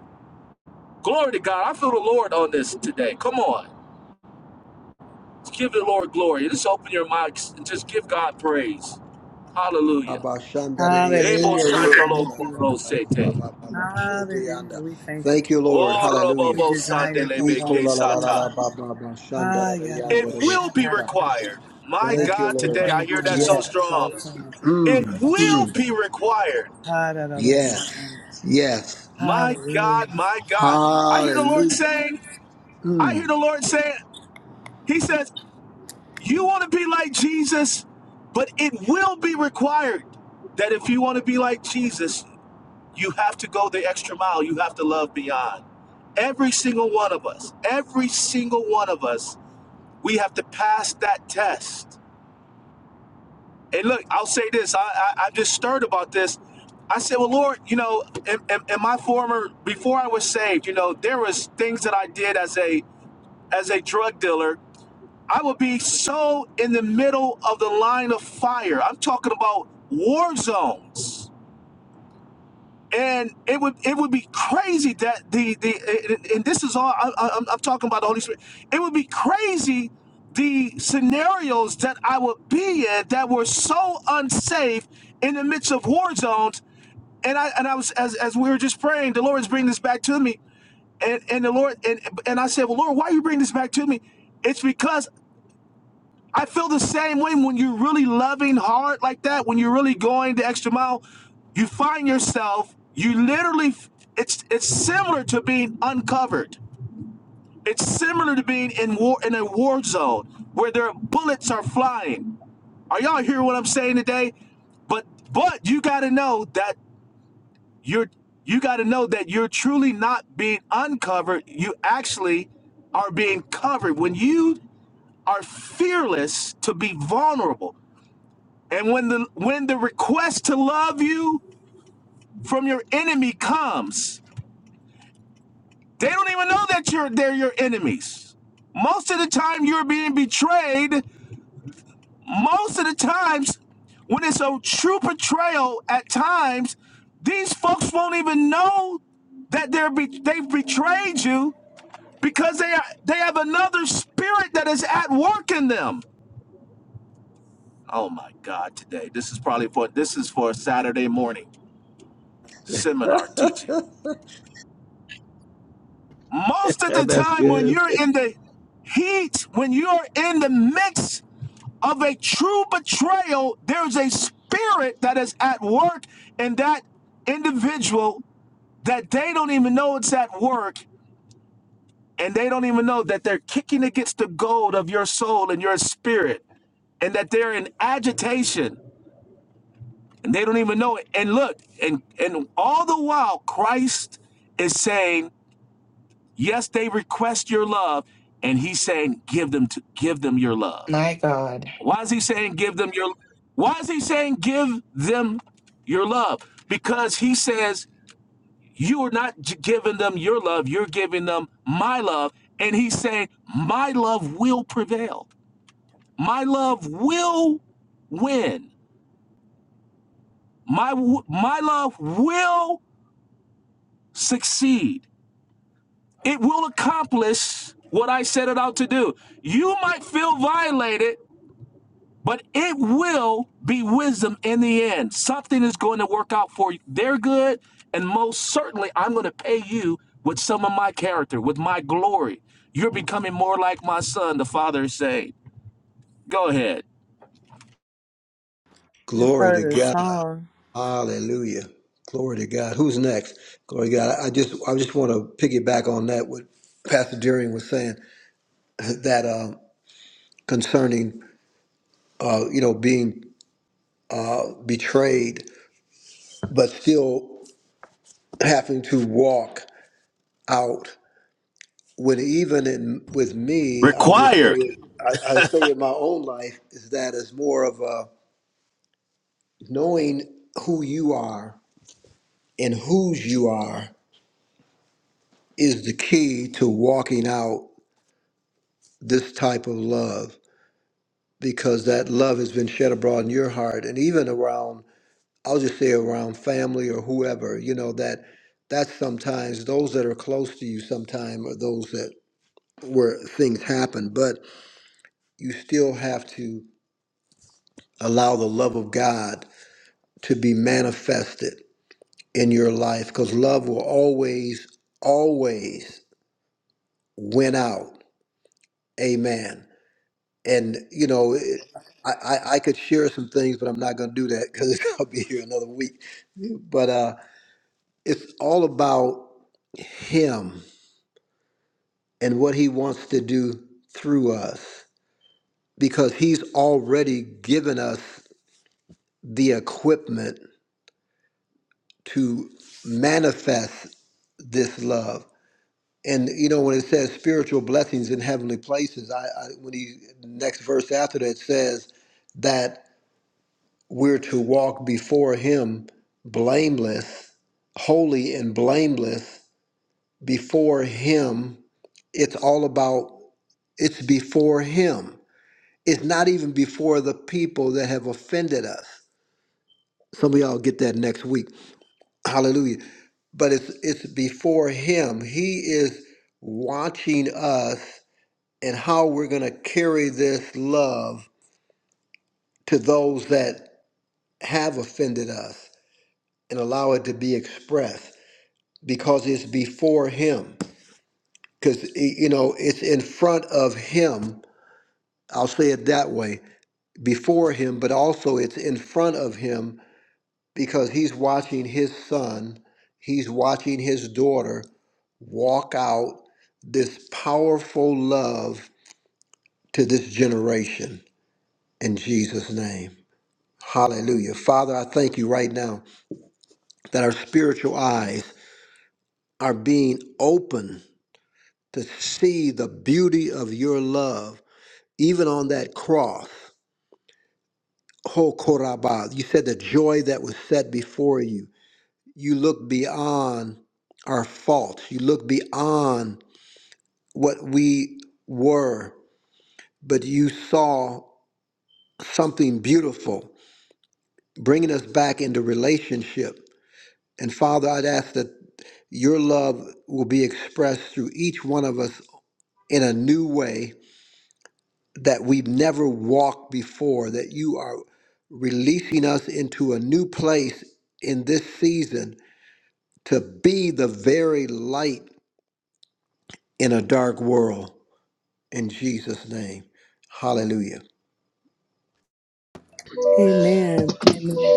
Speaker 7: Glory to God. I feel the Lord on this today. Come on. let's give the Lord glory. Just open your mics and just give God praise. Hallelujah.
Speaker 4: Abba, Shandari, Yando,
Speaker 7: Ebo
Speaker 3: Hallelujah.
Speaker 4: Kora,
Speaker 3: We thank
Speaker 7: shandolo
Speaker 4: Yandara,
Speaker 3: you,
Speaker 7: koro
Speaker 3: Lord.
Speaker 4: Rara,
Speaker 7: sete.
Speaker 4: Baba, Baba, Shete, Yanda.
Speaker 3: Hallelujah. We thank you,
Speaker 4: Thank
Speaker 3: Jesus.
Speaker 4: you, Lord. Hallelujah.
Speaker 3: We
Speaker 7: Orobobo
Speaker 3: desire to
Speaker 7: sandelebe
Speaker 3: walk
Speaker 4: Iko, la, la,
Speaker 3: with
Speaker 4: la,
Speaker 3: you,
Speaker 4: la,
Speaker 7: kesata.
Speaker 4: la, ba,
Speaker 3: Father.
Speaker 4: ba, ba,
Speaker 3: Ha
Speaker 4: Shandara,
Speaker 7: It
Speaker 3: yadabo
Speaker 4: Yandara,
Speaker 7: will be
Speaker 4: Rokita.
Speaker 3: shatadadaba.
Speaker 7: required. My
Speaker 3: Let
Speaker 4: Thank you,
Speaker 3: this
Speaker 7: God, today
Speaker 4: Lord.
Speaker 7: I
Speaker 3: mind be
Speaker 7: hear
Speaker 3: in
Speaker 7: that so
Speaker 3: us, which is
Speaker 4: Yes.
Speaker 7: strong.
Speaker 3: also
Speaker 7: It
Speaker 3: in
Speaker 4: Mm,
Speaker 3: Christ
Speaker 7: will
Speaker 4: mm.
Speaker 3: Jesus.
Speaker 7: be required.
Speaker 3: Ha da da da da. da.
Speaker 4: Yes. Yes.
Speaker 7: My
Speaker 3: Hallelujah.
Speaker 7: God, my God. I hear the Lord
Speaker 4: Hallelujah.
Speaker 7: saying, I
Speaker 4: Mm.
Speaker 7: hear the Lord saying, He says, You want to be like Jesus, but it will be required that if you want to be like Jesus, you have to go the extra mile. You have to love beyond. Every single one of us, every single one of us, we have to pass that test. And look, I'll say this I, I, I'm just stirred about this. I said, Well, Lord, you know, in, in, in my former, before I was saved, you know, there was things that I did as a as a drug dealer I would be so in the middle of the line of fire. I'm talking about war zones. And it would it would be crazy that the the and this is all I, I- am I'm talking about the Holy Spirit. It would be crazy the scenarios that I would be in that were so unsafe in the midst of war zones. And I and I was as, as we were just praying, the Lord is bringing this back to me. And and the Lord and and I said, well, Lord, why are you bringing this back to me? It's because I feel the same way when you're really loving hard like that, when you're really going the extra mile, you find yourself, you literally it's it's similar to being uncovered. It's similar to being in war in a war zone where their bullets are flying. Are y'all hearing what I'm saying today? But but you gotta know that you're you gotta know that you're truly not being uncovered. You actually are being covered when you are fearless to be vulnerable. And when the when the request to love you from your enemy comes, they don't even know that you're they're your enemies. Most of the time you're being betrayed. Most of the times when it's a true betrayal at times, these folks won't even know that they're be- they've betrayed you because they are, they have another spirit that is at work in them. Oh my God! Today, this is probably for this is for a Saturday morning seminar teaching. Most of
Speaker 5: Yeah,
Speaker 7: the
Speaker 5: that's
Speaker 7: time, when
Speaker 5: good.
Speaker 7: you're in the heat, when you're in the midst of a true betrayal, there's a spirit that is at work in that individual that they don't even know it's at work, and they don't even know that they're kicking against the gold of your soul and your spirit and that they're in agitation and they don't even know it. And look, and and all the while Christ is saying Yes, they request your love, and he's saying, give them to give them your love.
Speaker 1: My God.
Speaker 7: Why is he saying give them your why is he saying give them your love? Because he says you are not j- giving them your love, you're giving them my love. And he's saying, My love will prevail. My love will win. My w- my love will succeed. It will accomplish what I set it out to do. You might feel violated But it will be wisdom in the end. Something is going to work out for their good, and most certainly, I'm going to pay you with some of my character, with my glory. You're becoming more like my son, the father is saying. Go ahead.
Speaker 3: Just
Speaker 4: Glory to
Speaker 3: heard a
Speaker 4: God.
Speaker 3: song.
Speaker 4: Hallelujah. Glory to God. Who's next? Glory to God. I just I just want to piggyback on that what Pastor Deering was saying that um, concerning uh, you know being uh, betrayed, but still having to walk out. When even in with me, I'll just say
Speaker 7: Required.
Speaker 4: I, I say in my own life is that it's more of a Knowing who you are and whose you are is the key to walking out this type of love because that love has been shed abroad in your heart and even around I'll just say around family or whoever, you know, that that's sometimes those that are close to you sometime are those that where things happen, but you still have to allow the love of God to be manifested in your life because love will always, always went out. Amen. And you know, it, I, I I could share some things, but I'm not going to do that because I'll be here another week. But uh, it's all about Him and what He wants to do through us because He's already given us the equipment to manifest this love. And you know when it says spiritual blessings in heavenly places, I, I when he next verse after that says that we're to walk before him blameless, holy and blameless before him. It's all about, it's before him. It's not even before the people that have offended us. Some of y'all get that next week. Hallelujah. But it's it's before him. He is watching us and how we're going to carry this love to those that have offended us and allow it to be expressed. because it's before him. Because, you know, it's in front of him. I'll say it that way before him, but also it's in front of him because he's watching his son, he's watching his daughter walk out this powerful love to this generation in Jesus' name. Hallelujah. Father, I thank you right now that our spiritual eyes are being open to see the beauty of your love Even on that cross, Ho Korabah, you said the joy that was set before you. You look beyond our faults. You look beyond what we were, but you saw something beautiful, bringing us back into relationship. And Father, I'd ask that your love will be expressed through each one of us in a new way that we've never walked before, that you are releasing us into a new place in this season to be the very light in a dark world. In Jesus' name. Hallelujah.
Speaker 3: Amen. Amen.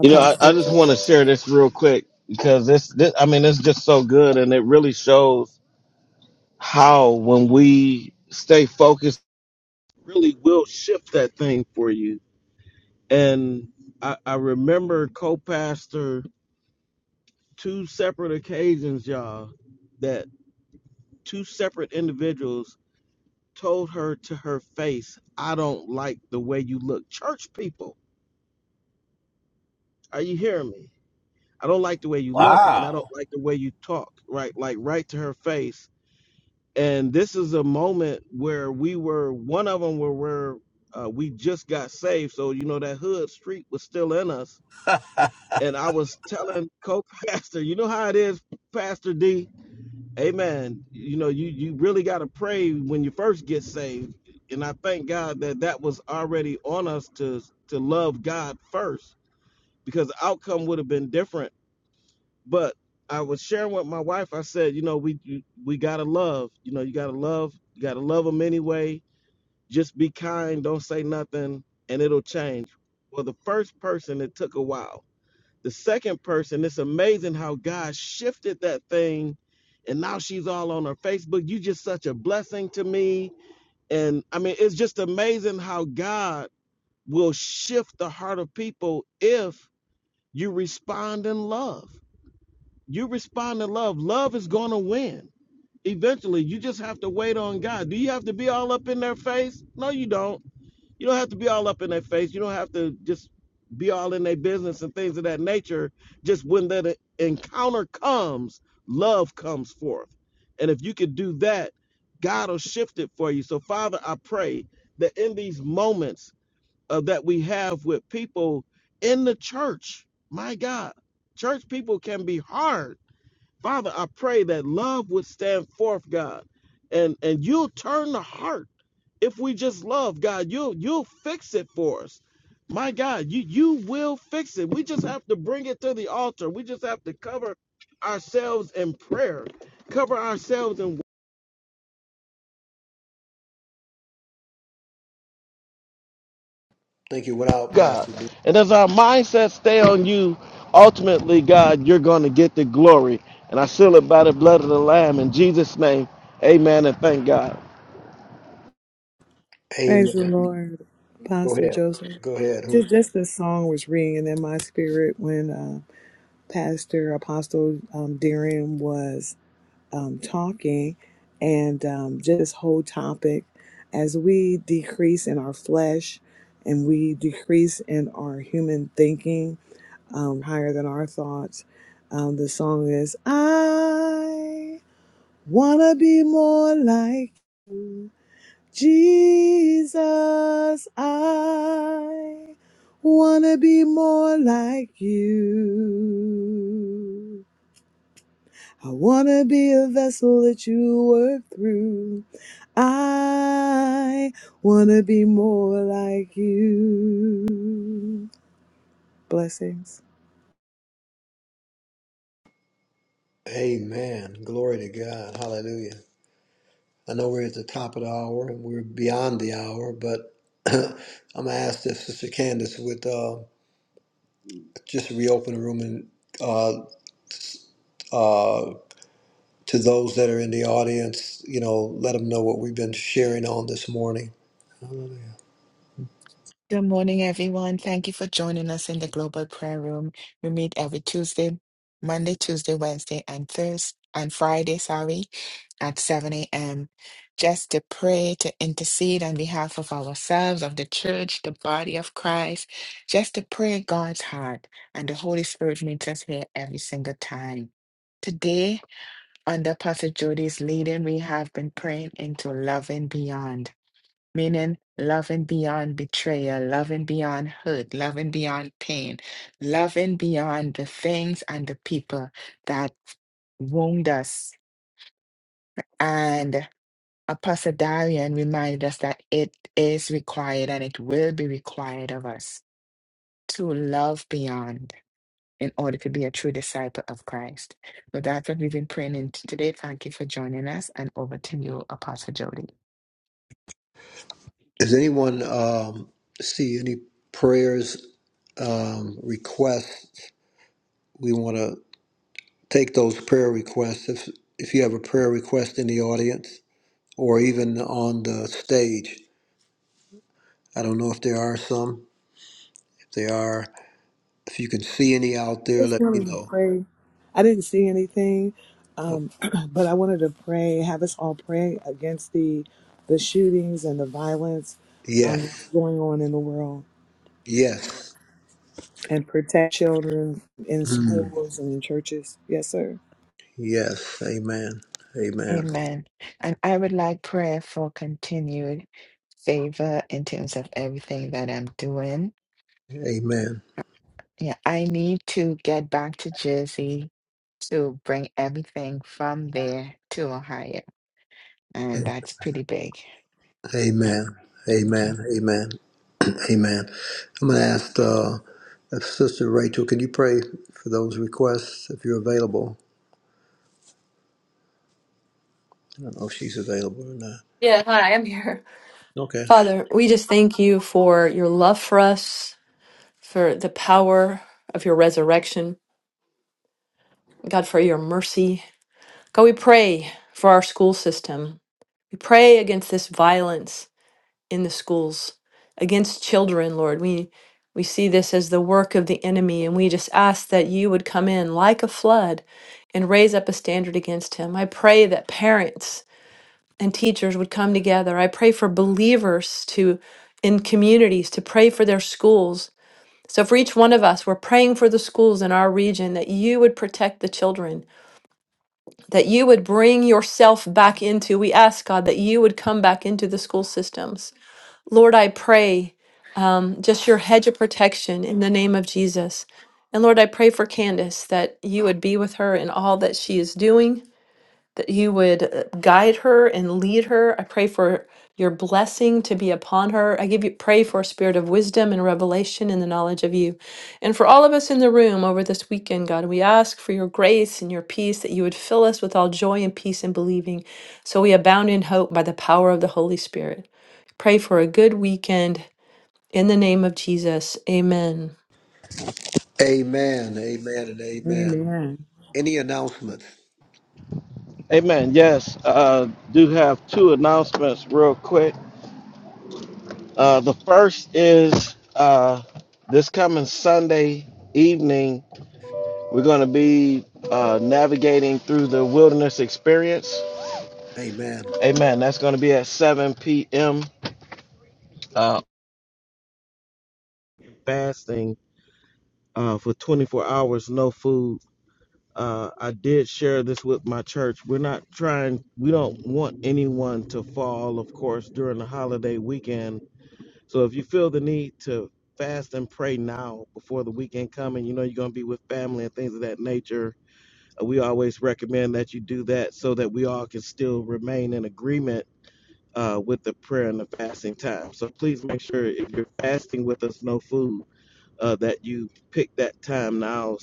Speaker 5: You know, I, I just
Speaker 3: Joseph.
Speaker 5: want to share this real quick because this, this, I mean, it's just so good and it really shows how when we stay focused, Really will shift that thing for you. And I, I remember co-pastor two separate occasions, y'all, that two separate individuals told her to her face, I don't like the way you look. Church people, are you hearing me? I don't like the way you look and I
Speaker 7: Wow.
Speaker 5: don't like the way you talk, right? Like right to her face. And this is a moment where we were one of them were where we uh, we just got saved, so you know that hood street was still in us. And I was telling co-pastor, you know how it is, Pastor D. Amen. You know, you you really got to pray when you first get saved. And I thank God that that was already on us to to love God first, because the outcome would have been different but I was sharing with my wife. I said, you know, we you- we gotta love. You know, you gotta love. You gotta love them anyway. Just be kind. Don't say nothing, and it'll change. Well, the first person, it took a while. The second person, it's amazing how God shifted that thing, and now she's all on her Facebook. You just such a blessing to me, and I mean, it's just amazing how God will shift the heart of people if you respond in love. You respond to love. Love is going to win eventually. You just have to wait on God. Do you have to be all up in their face? No, you don't. You don't have to be all up in their face. You don't have to just be all in their business and things of that nature. Just when that encounter comes, love comes forth. And if you could do that, God will shift it for you. So, Father, I pray that in these moments uh, that we have with people in the church, my God, church people can be hard Father, I pray that love would stand forth, God, and and you'll turn the heart if we just love, God. You'll you'll fix it for us. My God, you you will fix it. We just have to bring it to the altar. We just have to cover ourselves in prayer, cover ourselves in
Speaker 4: Thank you. Without
Speaker 5: God.
Speaker 4: Pastor D.
Speaker 5: And as our mindset stay on you, ultimately, God, you're going to get the glory. And I seal it by the blood of the Lamb in Jesus' name. Amen and thank God.
Speaker 3: Praise the
Speaker 4: Amen.
Speaker 3: Lord.
Speaker 4: Go
Speaker 3: Apostle
Speaker 4: ahead.
Speaker 3: Joseph.
Speaker 4: Go ahead. Who's
Speaker 3: Just,
Speaker 4: that?
Speaker 3: just this song was ringing in my spirit when uh, Pastor Apostle um, Darren was um, talking, and um, just this whole topic as we decrease in our flesh and we decrease in our human thinking um, higher than our thoughts. Um, the song is, I want to be more like you. Jesus, I want to be more like you. I want to be a vessel that you work through. I want to be more like you. Blessings.
Speaker 4: Amen. Glory to God. Hallelujah. I know we're at the top of the hour and we're beyond the hour, but I'm gonna ask if Sister Candace would uh, just reopen the room and uh, Uh, to those that are in the audience, you know, let them know what we've been sharing on this morning.
Speaker 1: Good morning, everyone. Thank you for joining us in the Global Prayer Room. We meet every Tuesday, Monday, Tuesday, Wednesday, and Thursday, and Friday, sorry, at 7 a.m. Just to pray, to intercede on behalf of ourselves, of the church, the body of Christ, just to pray God's heart. And the Holy Spirit meets us here every single time. Today, under Pastor Jody's leading, we have been praying into loving beyond meaning loving beyond betrayal, loving beyond hurt, loving beyond pain, loving beyond the things and the people that wound us. And Apostle Darian reminded us that it is required and it will be required of us to love beyond. in order to be a true disciple of Christ. So that's what we've been praying in today. Thank you for joining us, and over to you, Apostle Jody.
Speaker 4: Does anyone um, see any prayers, um, requests? We want to take those prayer requests. If if you have a prayer request in the audience or even on the stage, I don't know if there are some. If there are, if you can see any out there,
Speaker 3: just
Speaker 4: let me
Speaker 3: wanted to
Speaker 4: know.
Speaker 3: pray. I didn't see anything,
Speaker 4: Oh,
Speaker 3: um, but I wanted to pray, have us all pray against the the shootings and the violence um, that's
Speaker 4: yes,
Speaker 3: going on in the world,
Speaker 4: yes,
Speaker 3: and protect children in
Speaker 4: Mm.
Speaker 3: schools and in churches. Yes, sir.
Speaker 4: yes. Amen. Amen.
Speaker 1: Amen. And I would like prayer for continued favor in terms of everything that I'm doing.
Speaker 4: Amen.
Speaker 1: Yeah, I need to get back to Jersey to bring everything from there to Ohio, and that's pretty big. Yeah,
Speaker 4: Amen.
Speaker 1: Thank you.
Speaker 4: Amen. Amen. Amen. I'm going to ask uh, if Sister Rachel, can you pray for those requests if you're available? I don't know if she's available or not.
Speaker 2: Yeah, hi, I'm here.
Speaker 4: Okay.
Speaker 2: Father, we just thank you for your love for us, for the power of your resurrection. God, for your mercy. God, we pray for our school system. We pray against this violence in the schools, against children, Lord. We we see this as the work of the enemy, and we just ask that you would come in like a flood and raise up a standard against him. I pray that parents and teachers would come together. I pray for believers to in communities to pray for their schools. So for each one of us, we're praying for the schools in our region that you would protect the children, that you would bring yourself back into. We ask God that you would come back into the school systems. Lord, I pray um, just your hedge of protection in the name of Jesus. And Lord, I pray for Candace that you would be with her in all that she is doing that you would uh, guide her and lead her. I pray for your blessing to be upon her. I give you pray for a spirit of wisdom and revelation in the knowledge of you. And for all of us in the room over this weekend, God, we ask for your grace and your peace that you would fill us with all joy and peace in believing so we abound in hope by the power of the Holy Spirit. Pray for a good weekend in the name of Jesus. Amen.
Speaker 4: Amen. Amen. And amen.
Speaker 3: Amen.
Speaker 4: Any announcements?
Speaker 5: Amen. Yes, uh, do have two announcements real quick. Uh, the first is uh, this coming Sunday evening, we're going to be uh, navigating through the wilderness experience.
Speaker 4: Amen.
Speaker 5: Amen. That's going to be at 7 p.m. Uh, fasting uh, for 24 hours, no food. Uh, I did share this with my church. We're not trying, we don't want anyone to fall, of course, during the holiday weekend So if you feel the need to fast and pray now before the weekend coming, you know you're gonna be with family and things of that nature. uh, We always recommend that you do that so that we all can still remain in agreement uh, with the prayer and the fasting time. So please make sure if you're fasting with us, no food, uh, that you pick that time now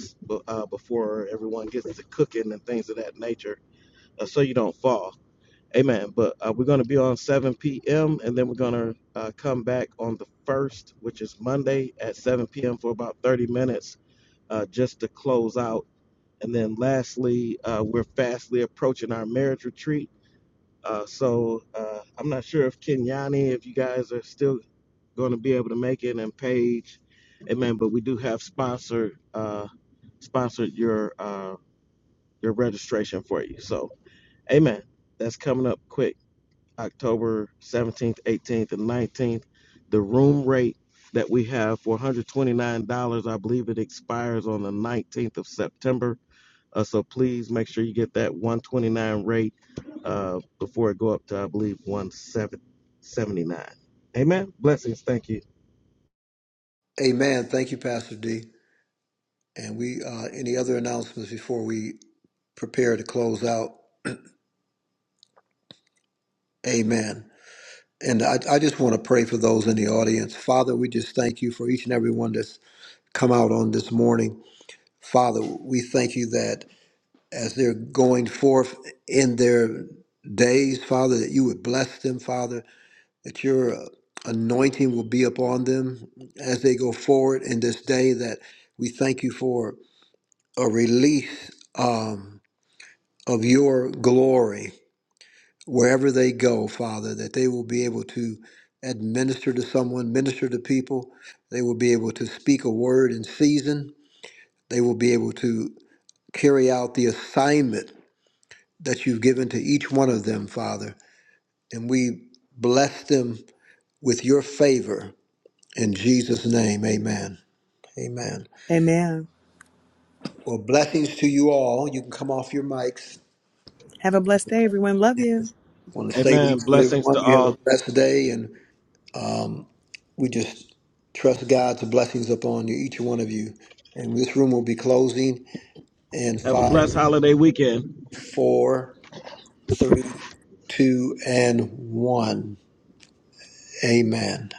Speaker 5: uh, before everyone gets to cooking and things of that nature, uh, so you don't fall. Amen. But uh, we're going to be on 7 p.m. and then we're going to uh, come back on the 1st, which is Monday at 7 p.m. for about 30 minutes uh, just to close out. And then lastly, uh, we're fastly approaching our marriage retreat. Uh, so uh, I'm not sure if Kenyani, if you guys are still going to be able to make it, and Paige. Amen. But we do have sponsored uh, sponsored your uh, your registration for you. So, Amen. That's coming up quick. October 17th, 18th, and 19th. The room rate that we have for $129, I believe it expires on the 19th of September. Uh, so please make sure you get that 129 rate uh, before it go up to, I believe, 179. Amen. Blessings. Thank you.
Speaker 4: Amen. Thank you, Pastor D. And we uh, any other announcements before we prepare to close out? Amen. And I, I just want to pray for those in the audience. Father, we just thank you for each and every one that's come out on this morning. Father, we thank you that as they're going forth in their days, Father, that you would bless them, Father, that your uh, anointing will be upon them as they go forward in this day, that we thank you for a release um, of your glory wherever they go, Father, that they will be able to administer to someone, minister to people. They will be able to speak a word in season. They will be able to carry out the assignment that you've given to each one of them, Father. And we bless them with your favor in Jesus' name. Amen. Amen.
Speaker 3: Amen.
Speaker 4: Well, blessings to you all. You can come off your mics. I
Speaker 3: Have a blessed day, everyone. Love you.
Speaker 4: want to say to each
Speaker 5: Amen.
Speaker 4: and every
Speaker 5: Blessings
Speaker 4: one,
Speaker 5: to
Speaker 4: you have
Speaker 5: all.
Speaker 4: a blessed day. And um, we just trust God's blessings upon you, each one of you. And this room will be closing in
Speaker 5: Have a
Speaker 4: five,
Speaker 5: blessed holiday weekend.
Speaker 4: four, three, two, and one. Amen.